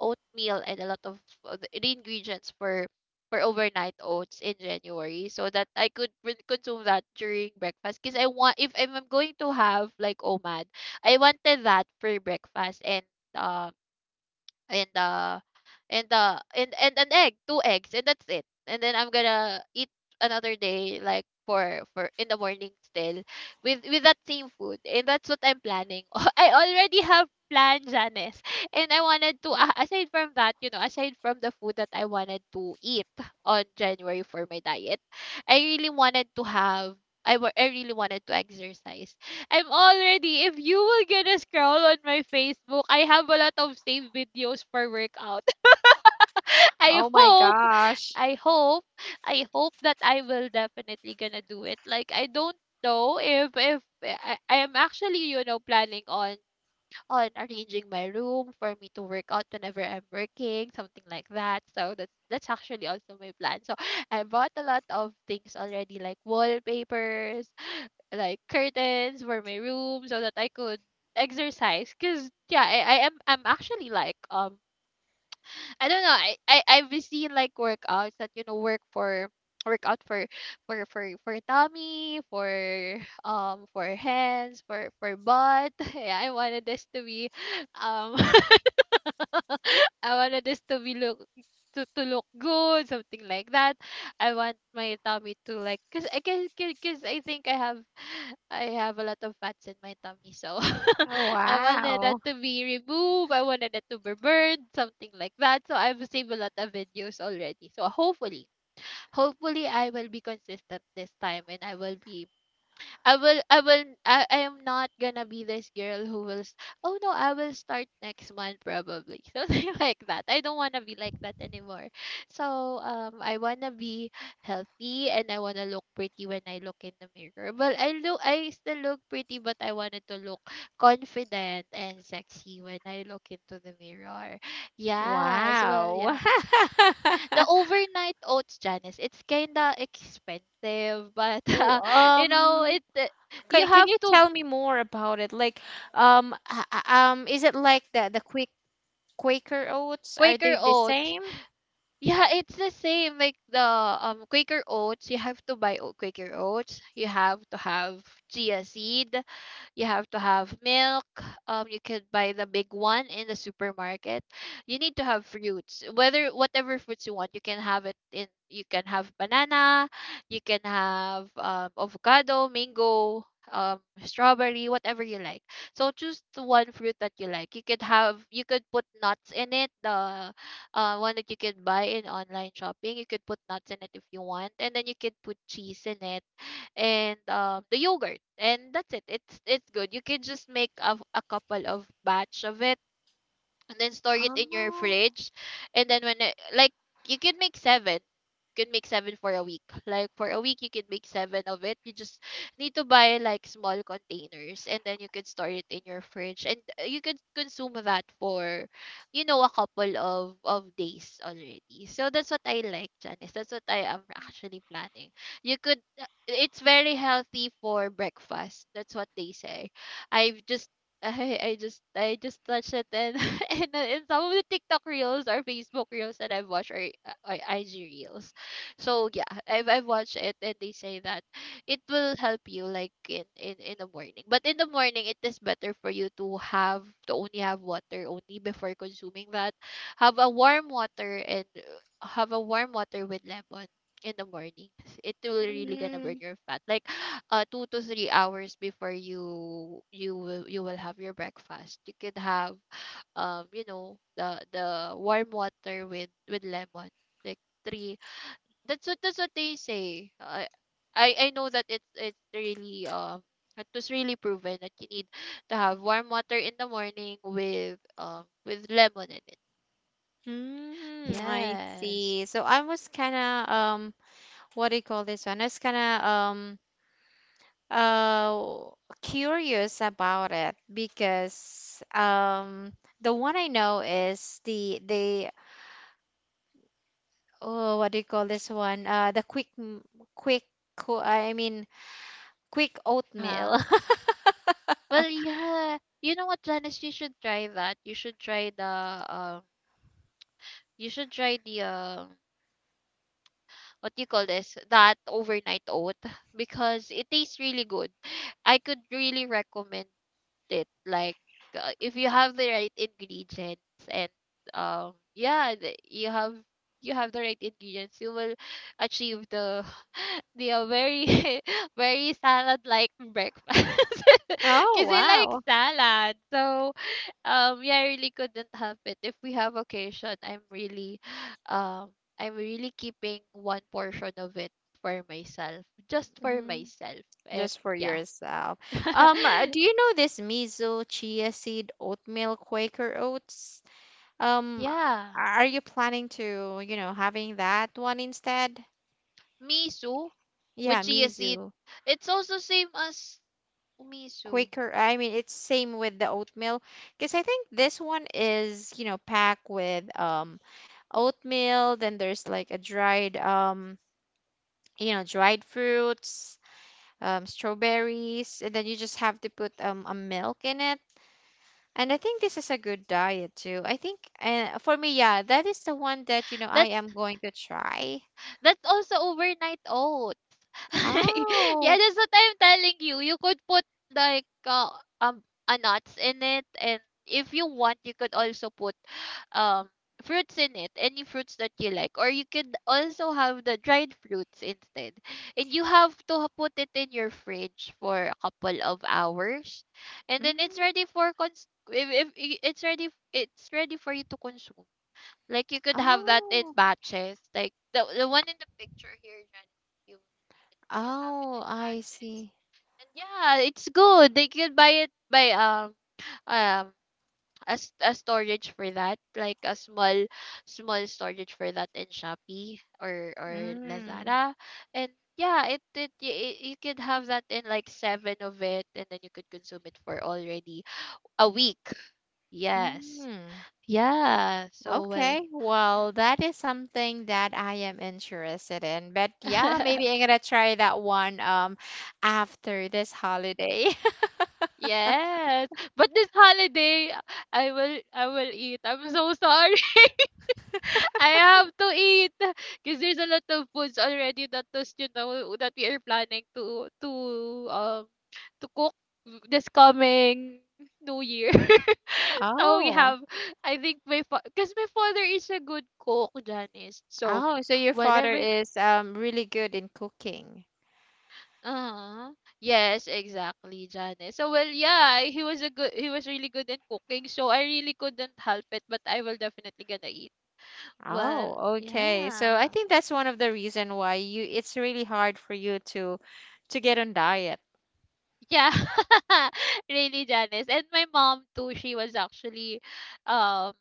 B: oatmeal and a lot of the ingredients for overnight oats in January, so that I could consume that during breakfast. Because I want if I'm going to have like OMAD, I wanted that for breakfast. um and uh and an egg, two eggs and that's it. And then I'm gonna eat another day like for in the morning still with that same food. And that's what I'm planning. I already have planned, Janice. And I wanted to aside from that, you know, aside from the food that I wanted to eat on January for my diet, I really wanted to I really wanted to exercise. I'm already, if you will gonna scroll on my Facebook, I have a lot of saved videos for workout. I
A: Oh my
B: hope,
A: gosh.
B: I hope, I hope that I will definitely gonna do it. Like I don't know if I am actually, you know, planning on arranging my room for me to work out whenever I'm working, something like that. So that's actually also my plan. So I bought a lot of things already, like wallpapers, like curtains for my room so that I could exercise. Because yeah, I'm actually like I don't know, I've seen like workouts that you know work workout for for tummy, for hands, for butt. Yeah, I wanted this to be um I wanted this to be look to look good, something like that. I want my tummy to like, cause I think I have a lot of fats in my tummy, so
A: Oh,
B: I wanted that
A: wow.
B: to be removed. I wanted that to be burned, something like that. So I've saved a lot of videos already. So hopefully I will be consistent this time, and I will be I will I will I am not gonna be this girl who will oh no, I will start next month probably. Something like that. I don't wanna be like that anymore. So I wanna be healthy and I wanna look pretty when I look in the mirror. Well I look, I still look pretty but I wanted to look confident and sexy when I look into the mirror. Yes. Well,
A: Wow.
B: yeah, the overnight oats, Janice, it's kinda expensive, but
A: W-
B: uh, you know,
A: Um,
B: it you
A: can
B: have
A: you
B: to
A: tell me more about it? Like, is it like the quick Quaker oats? Are
B: Quaker
A: they the
B: oats.
A: same?
B: Yeah, it's the same like the Quaker oats. You have to buy Quaker oats. You have to have chia seed. You have to have milk. You could buy the big one in the supermarket. You need to have fruits. Whether whatever fruits you want, you can have it in. You can have banana. You can have avocado, mango, strawberry, whatever you like. So choose the one fruit that you like. You could have. You could put nuts in it. The one that you could buy in online shopping. You could put nuts in it if you want, and then you could put cheese in it and the yogurt. And that's it. It's good. You can just make a couple of batch of it and then store it in your
A: Oh,
B: fridge. And then when it, like, you can make seven, for a week. Like for a week you can make seven of it. You just need to buy like small containers and then you can store it in your fridge. And you can consume that for, you know, a couple of days already. So that's what I like, Janice. That's what I am actually planning. You could it's very healthy for breakfast, that's what they say. I've just I just touched it and and some of the TikTok reels or Facebook reels that I've watched are or IG reels. So yeah, I've watched it and they say that it will help you like in the morning. But in the morning, it is better for you to have to only have water only before consuming that. Have a warm water and have a warm water with lemon in the morning. It will really gonna burn
A: mm,
B: your fat. Like 2 to 3 hours before you will have your breakfast. You could have you know, the warm water with lemon. Like three, that's what they say. I know that it's really it was really proven that you need to have warm water in the morning with lemon in it.
A: mm, I
B: Yes.
A: see. So I was kind of, what do you call this one? I was kind of, uh, curious about it because, the one I know is the, oh, what do you call this one? The quick m- quick co- I mean, quick oatmeal.
B: Uh-huh. Well, yeah. You know what, Janice? You should try that. You should try the You should try the um. What do you call this? That overnight oat. Because it tastes really good. I could really recommend it. Like if you have the right ingredients and yeah, you have the right ingredients, you will achieve the the very very salad like breakfast.
A: Oh,
B: Cause I like
A: wow.
B: salad. So yeah, I really couldn't help it. If we have occasion, I'm really um I'm really keeping one portion of it for myself, just for
A: Mhm.
B: myself. And
A: Just for
B: yeah.
A: yourself. Do you know this miso chia seed oatmeal Quaker oats? Um,
B: Yeah.
A: are you planning to, having that one instead?
B: Miso with
A: Yeah,
B: chia seed.
A: miso.
B: It's also same as umiso.
A: Quicker. I mean, it's same with the oatmeal, because I think this one is, packed with oatmeal, then there's like a dried you know, dried fruits, strawberries, and then you just have to put a milk in it. And I think this is a good diet too. I think, for me, yeah, that is the one that, I
B: That's
A: am going to try.
B: also overnight oat.
A: Oh.
B: Yeah, that's what I'm telling you. You could put like um a nuts in it, and if you want, you could also put um fruits in it, any fruits that you like, or you could also have the dried fruits instead. And you have to put it in your fridge for a couple of hours, and then it's
A: Mm,
B: ready for cons. If I- it's ready for you to consume. Like you could have that in
A: oh.
B: batches, like the one in the picture here, Jan can have it
A: Oh,
B: in
A: I
B: batches.
A: see.
B: And yeah, it's good. They can buy it by um a storage for that, like a small storage for that in Shopee or
A: Mm.
B: Lazada. And yeah, you could have that in like seven of it, and then you could consume it for already a week. Yes.
A: Mm.
B: Yeah. So well.
A: Okay,
B: Mm.
A: well, that is something that I am interested in. But yeah, maybe I'm gonna try that one after this holiday.
B: Yes, but this holiday, I will eat. I'm so sorry. I have to eat because there's a lot of foods already that was, you know, that we are planning um to cook this coming New Year. So we
A: Oh,
B: have, I think my because my father is a good cook, Janice. So
A: oh, so your father
B: whatever.
A: is really good in cooking.
B: Uh yes, exactly, Janice. So well, yeah, he was really good in cooking. So I really couldn't help it, but I will definitely gonna eat. Well,
A: Oh, okay. So I
B: yeah.
A: think that's one of the reason why you it's really hard for you to get on diet.
B: Yeah, really, Janice. And my mom too, she was actually um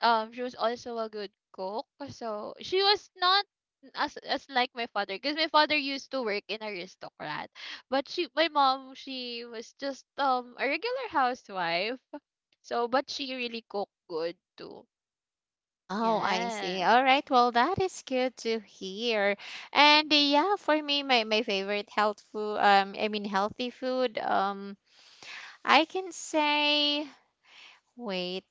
B: she was also a good cook. So she was not as like my father because my father used to work in aristocrat. But she my mom, she was just a regular housewife. So but she really cooked good too.
A: Oh, I see.
B: Yes.
A: All right. Well, that is good to hear. And yeah, for me, my favorite health food, I mean healthy food, I can say wait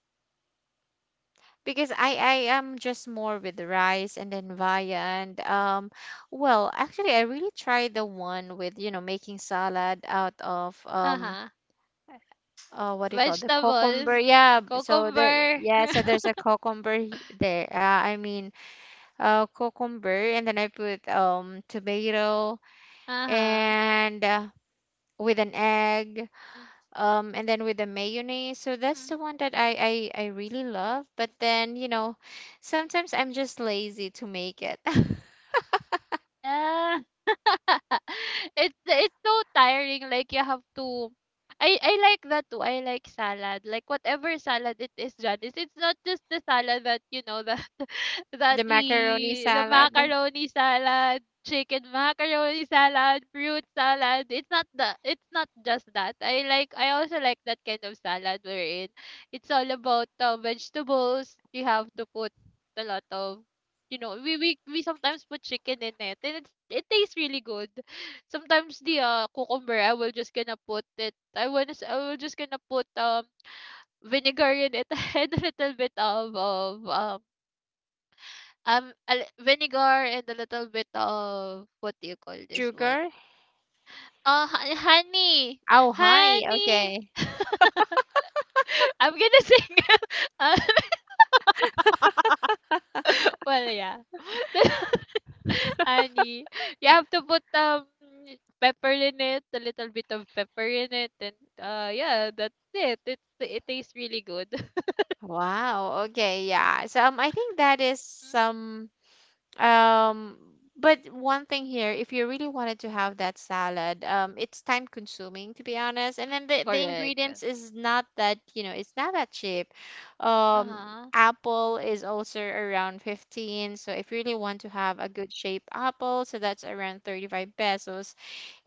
A: because I am just more with rice and then viand. Well, actually, I really tried the one with, making salad out of,
B: Uh-huh.
A: what do you call the cucumber?
B: Vegetables,
A: Yeah, so that
B: cucumber.
A: yeah, so there's a cucumber there. I mean, cucumber, and then I put tomato
B: Uh-huh.
A: and with an egg, and then with the mayonnaise. So that's
B: Mhm.
A: the one that I really love, but then, sometimes I'm just lazy to make it.
B: Yeah. It's so tiring, like you have to… I like that too. I like salad. Like whatever salad it is, Janice. It's not just the salad that
A: The
B: that
A: macaroni
B: we… the
A: salad.
B: macaroni salad, chicken macaroni salad, fruit salad. It's not the… it's not just that. I like… I also like that kind of salad we're in. It's all about vegetables. You have to put a lot of… we sometimes put chicken in it, and it's… it tastes really good. Sometimes the cucumber, I will just gonna put it, I wanna I will just gonna put vinegar in it, and a little bit of vinegar, and a little bit of what do you call this one.
A: Sugar.
B: Honey.
A: Oh, honey,
B: Honey.
A: okay.
B: I'm gonna sing. Well, yeah. Honey. You have to put pepper in it, a little bit of pepper in it, and yeah, that's it. It tastes really good.
A: Wow. Okay, yeah. So, I think that is
B: Mhm.
A: some. Um, but one thing here, if you really wanted to have that salad, it's time consuming, to be honest. And then the
B: Correct.
A: ingredients is not that, it's not that cheap. Um,
B: Uh-huh.
A: Apple is also around 15. So if you really want to have a good shape apple, so that's around 35 pesos.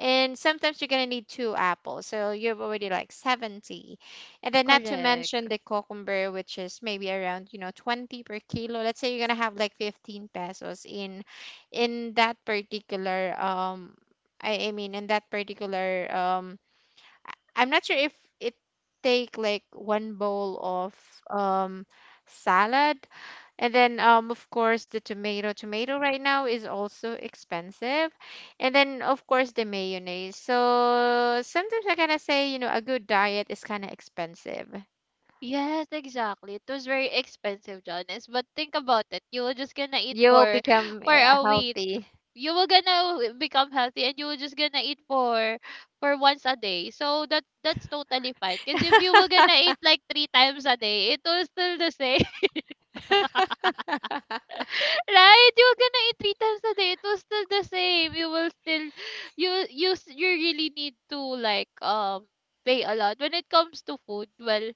A: And sometimes you're gonna need two apples, so you're already like 70. And then not to mention
B: Correct.
A: the cucumber, which is maybe around, 20 per kilo. Let's say you're gonna have like 15 pesos in that particular, I mean, in that particular, I'm not sure if it take like one bowl of um salad, and then, of course, the tomato. Tomato right now is also expensive. And then, of course, the mayonnaise. So sometimes I kind of say, a good diet is kind of expensive.
B: Yes, exactly. It was very expensive, Jonas. But think about it. You were just gonna eat
A: You will
B: for…
A: become
B: for a
A: health.
B: week you will gonna become healthy, and you will just gonna eat for… for once a day, so that that's totally fine, because if you were gonna eat like three times a day, it was still the same. Right, you were gonna eat three times a day, it was still the same. You will still… you really need to like pay a lot when it comes to food. Well,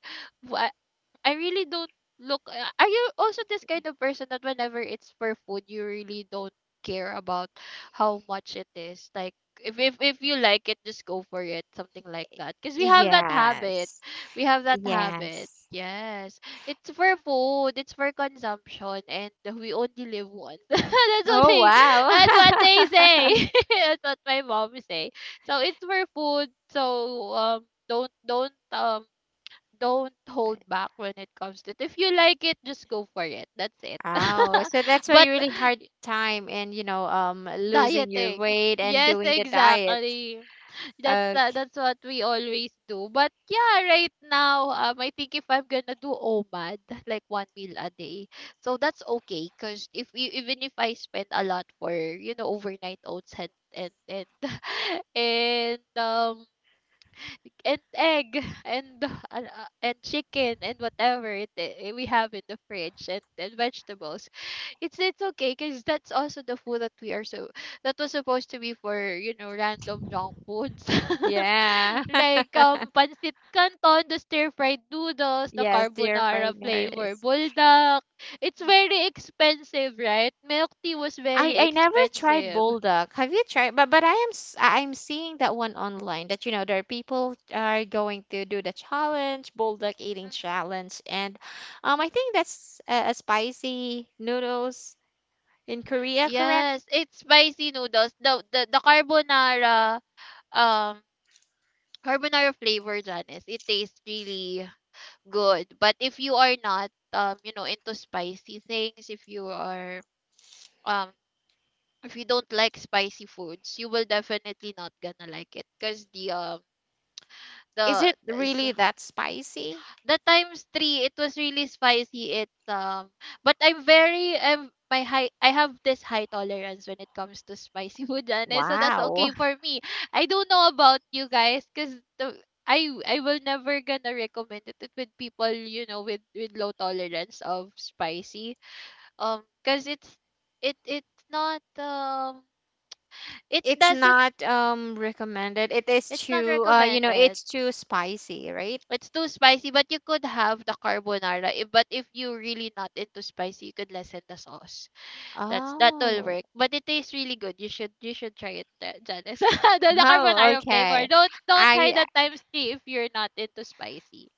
B: I really don't look. Are you also this kind of person that whenever it's for food, you really don't care about how much it is? Like, if you like it, just go for it, something like that. Because we have that habit.
A: Yes.
B: We have that habit.
A: Yes.
B: Yes, it's for food. It's for consumption, and we only live once. That's what
A: Oh,
B: they… That's what
A: wow.
B: they say. That's what my mom say. So it's for food. So don't don't um don't hold back when it comes to it. If you like it, just go for it. That's it.
A: Oh, so that's why
B: But
A: you really hard time in, losing your
B: dieting.
A: weight and
B: Yes,
A: doing the diet.
B: exactly. That's the…
A: Okay.
B: that's what we always do. But yeah, right now, I think if I'm gonna do OMAD, like one meal a day, so that's okay. Cause if you… even if I spend a lot for you know overnight oats and and and um and egg, and and chicken and whatever we have in the fridge, and vegetables, it's okay because that's also the food that we are so… that was supposed to be for you know random junk foods.
A: Yeah.
B: Like pancit canton, the stir fried noodles, the
A: Yes, dear fried
B: carbonara flavor
A: Norris.
B: buldak. It's very expensive, right? Milk tea was
A: I
B: very
A: I never tried
B: expensive.
A: bulldog. Have you tried? But I am s- I- I'm seeing that one online that, there are people are going to do the challenge, bulldog eating
B: Mhm.
A: challenge, and I think that's a spicy noodles in Korea, correct?
B: Yes, it's spicy noodles. The carbonara um carbonara flavor dyan, it tastes really good. But if you are not you know into spicy things, if you are um if you don't like spicy foods, you will definitely not gonna like it because the
A: Is
B: the
A: it
B: the s-
A: really that spicy?
B: that times three, it was really spicy. It's but I'm very… I'm my high… I have this high tolerance when it comes to spicy food, and so that's
A: Wow.
B: okay for me. I don't know about you guys, because the… I will never gonna recommend it, it with people you know with low tolerance of spicy, because it's… it it's not it
A: It's
B: doesn't
A: not recommended. It is
B: It's not
A: too,
B: recommended.
A: it's too spicy, right?
B: It's too spicy, but you could have the carbonara. But if you really not into spicy, you could lessen the sauce. That's that will
A: Oh,
B: work. But it tastes really good. You should try it, Janice. The
A: oh,
B: carbonara flavor.
A: okay.
B: Don't try
A: I
B: that times three if you're not into spicy.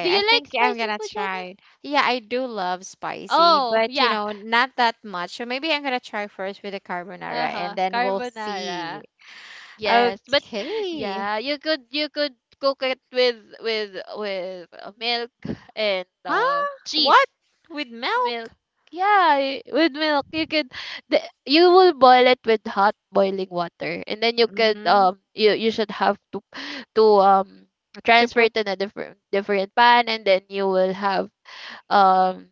B: Do
A: I
B: you like
A: think I'm
B: spicy
A: gonna
B: food, Janice?
A: try. Yeah, I do love spicy,
B: Oh
A: but,
B: yeah.
A: not that much. So maybe I'm gonna try first with the
B: Uh
A: carbonara,
B: huh.
A: and then we'll see.
B: Carbonara. Yes, but
A: Okay.
B: yeah, you could cook it with milk and
A: Huh? What?
B: cheese.
A: With
B: Milk.
A: milk?
B: Yeah, with milk you could… the, you will boil it with hot boiling water and then you could
A: Mm-hmm.
B: you should have to… to
A: To
B: transfer
A: put,
B: it in a different pan and then you will have um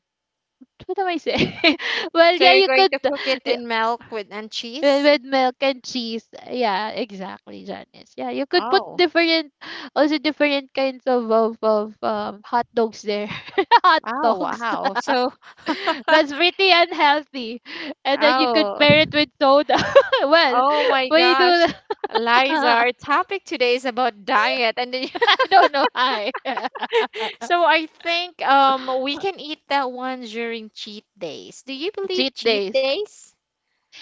B: what am I saying? Well,
A: so
B: yeah,
A: you're
B: you
A: going
B: could
A: to cook it
B: y-
A: in milk with and
B: with
A: cheese?
B: milk and cheese. Yeah, exactly, Janice. Yeah, you could put
A: Oh.
B: different… also different kinds of hot dogs there. Hot
A: Oh,
B: dogs.
A: wow. So,
B: That's pretty unhealthy. And then you could
A: oh,
B: pair it with soda. Well,
A: oh my
B: we do
A: gosh.
B: that.
A: Liza,
B: I
A: our topic today is about diet, and then.
B: don't know why.
A: So I think we can eat that one during cheat days. Do you believe
B: Cheat
A: cheat
B: days.
A: days?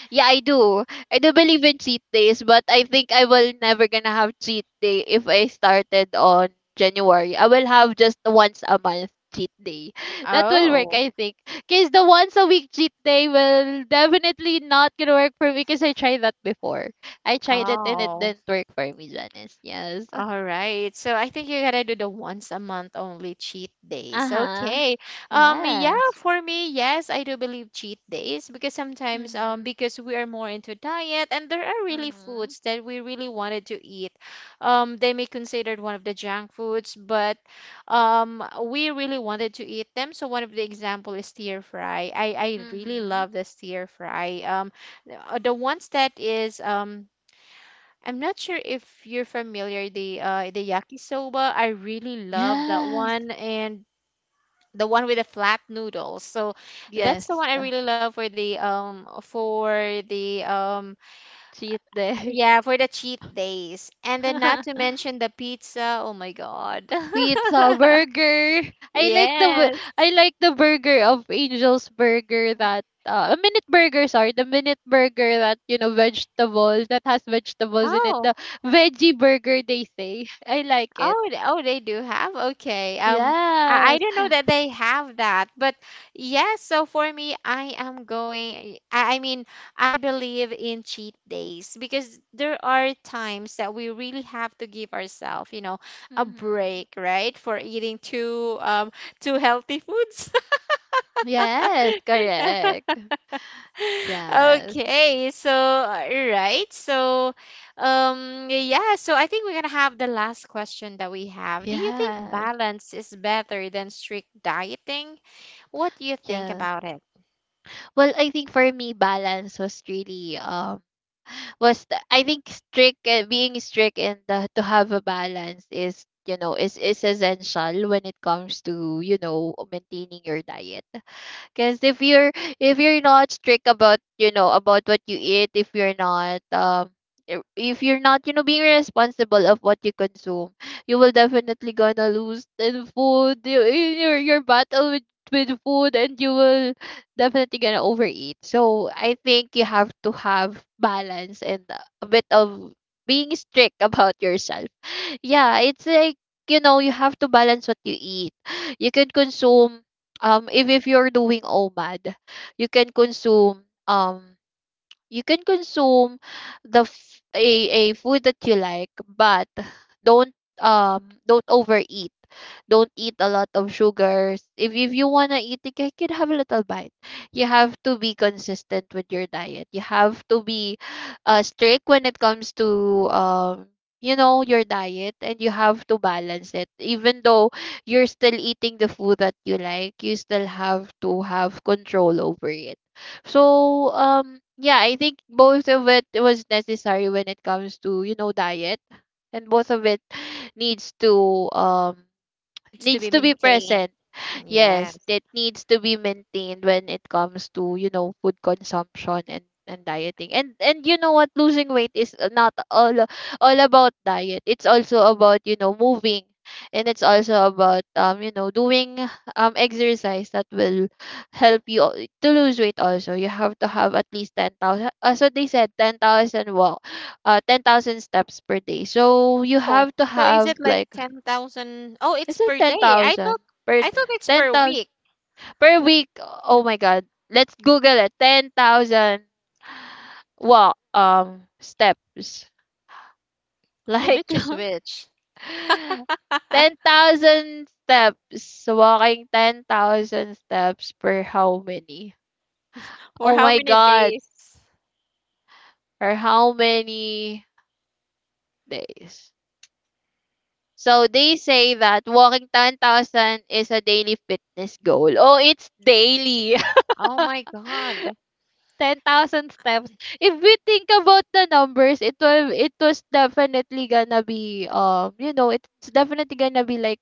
B: Yeah, I do. I do believe in cheat days, but I think I will never gonna have cheat day if I started on January. I will have just once a month cheat day. That will work,
A: Oh,
B: I think. Cause the once a week cheat day will definitely not gonna work for me, because I tried that before. I tried it and it
A: oh,
B: didn't work for me, Janice. Yes.
A: all right. So I think you gotta do the once a month only cheat days.
B: Uh-huh.
A: Okay. Yeah,
B: Yes.
A: for me, yes, I do believe cheat days because sometimes,
B: Mhm.
A: because we are more into diet and there are really
B: Mhm.
A: foods that we really wanted to eat. They may considered one of the junk foods, but we really wanted to eat them. So one of the example is stir fry. I really
B: Mhm.
A: love the stir fry. The the ones that is, I'm not sure if you're familiar, the the yakisoba. I really love that
B: Yes.
A: one, and the one with the flat noodles. So that's the
B: Yes.
A: one I really love the um
B: Cheat day.
A: yeah, for the cheat days. And then not to mention the pizza. Oh my God.
B: Pizza burger. I like the
A: Yes.
B: I like the burger of Angel's Burger that a minute burger, sorry, the minute burger that you know vegetable that has vegetables in it.
A: Oh.
B: The veggie burger, they say. I like it.
A: Oh, they do have. Okay. I
B: Yes.
A: don't know that they have that, but yes. So for me, I mean, I believe in cheat days because there are times that we really have to give ourselves, a
B: Mhm.
A: break, right, for eating too healthy foods.
B: Yes, correct. Yes.
A: Okay, so, right. So, yeah, so I think we're gonna have the last question that we have. Do you think
B: Yes,
A: balance is better than strict dieting? What do you think
B: yes.
A: about it?
B: Well, I think for me, balance was really was the… I think strict being strict and the, to have a balance is you know is essential when it comes to you know maintaining your diet. Because if you're… if you're not strict about you know about what you eat, if you're not if you're not you know being responsible of what you consume, you will definitely gonna lose in food. You, in your battle with food, and you will definitely gonna overeat. So I think you have to have balance and a bit of being strict about yourself. Yeah, it's like you know you have to balance what you eat. You can consume if you're doing OMAD, you can consume um you can consume a food that you like but don't don't overeat, don't eat a lot of sugars. If you want to eat you can have a little bite. You have to be consistent with your diet, you have to be strict when it comes to you know your diet, and you have to balance it even though you're still eating the food that you like, you still have to have control over it. So yeah, I think both of it was necessary when it comes to, you know, diet. And both of it needs to um
A: Needs to
B: needs
A: be
B: to be
A: maintained.
B: present. Yes,
A: Yes.
B: that needs to be maintained when it comes to, you know, food consumption and dieting. And you know what, losing weight is not all all about diet. It's also about, you know, moving. And it's also about you know, doing exercise that will help you to lose weight also. You have to have at least 10,000, as what they said, 10,000 walk, 10,000 steps per day. So you
A: Oh,
B: have to
A: so is
B: have
A: it like
B: like…
A: 10,000? Oh, it's
B: it's like
A: per day. I thought
B: 10,000 per…
A: I thought it's per
B: 10,000
A: week.
B: per week, oh my god. Let's Google it. 10,000 what steps.
A: So
B: Like
A: which is which?
B: 10,000 steps. Walking 10,000 steps per how many?
A: For
B: Oh
A: how
B: my
A: many
B: god.
A: days?
B: For how many days? So they say that walking 10,000 is a daily fitness goal. Oh, it's daily.
A: Oh my God.
B: 10,000 steps, if we think about the numbers, it will… it was definitely gonna be you know it's definitely gonna be like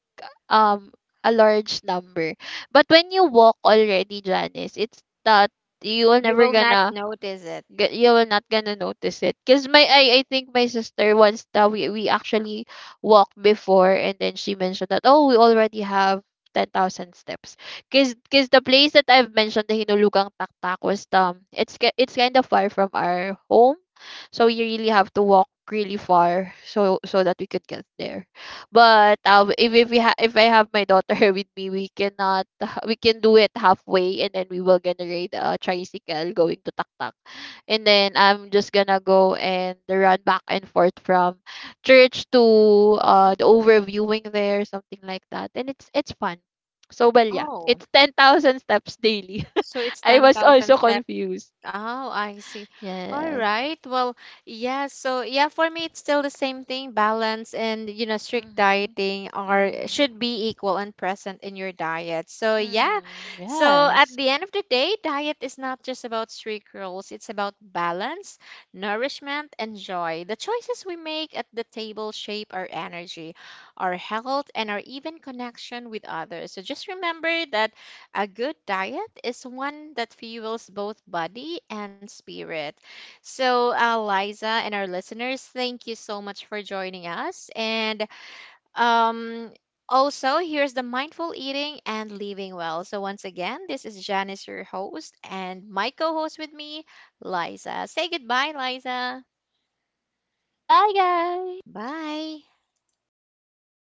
B: um a large number. But when you walk already, Janice, it's that you will
A: You
B: never
A: will not
B: gonna
A: notice it.
B: you will not gonna notice it, because my… I think my sister once that we actually walked before, and then she mentioned that oh we already have 10,000 steps, because the place that I've mentioned, the Hinulugang Taktak, was it's it's kind of far from our home, so we really have to walk really far so so that we could get there. But if we if I have my daughter with me, we cannot… we can do it halfway and then we will gonna ride a tricycle going to Taktak, and then I'm just gonna go and run back and forth from church to the overviewing there, something like that. And it's fun. So well yeah,
A: Oh.
B: it's 10,000 steps daily.
A: So it's
B: I was
A: 10,000
B: also
A: steps.
B: confused.
A: Oh, I see. All
B: Yes.
A: right. Well, yeah. So, yeah, for me, it's still the same thing. Balance and, strict
B: Hmm.
A: dieting are
B: Hmm.
A: should be equal and present in your diet. So, yeah.
B: Hmm.
A: So, at
B: Yes.
A: the end of the day, diet is not just about strict rules. It's about balance, nourishment, and joy. The choices we make at the table shape our energy, our health, and our even connection with others. So, just remember that a good diet is one that fuels both body and spirit. So, Liza and our listeners, thank you so much for joining us. And, um, also, here's the mindful eating and living well. So, once again, this is Janice, your host, and my co host with me, Liza. Say goodbye, Liza.
B: Bye guys.
A: Bye.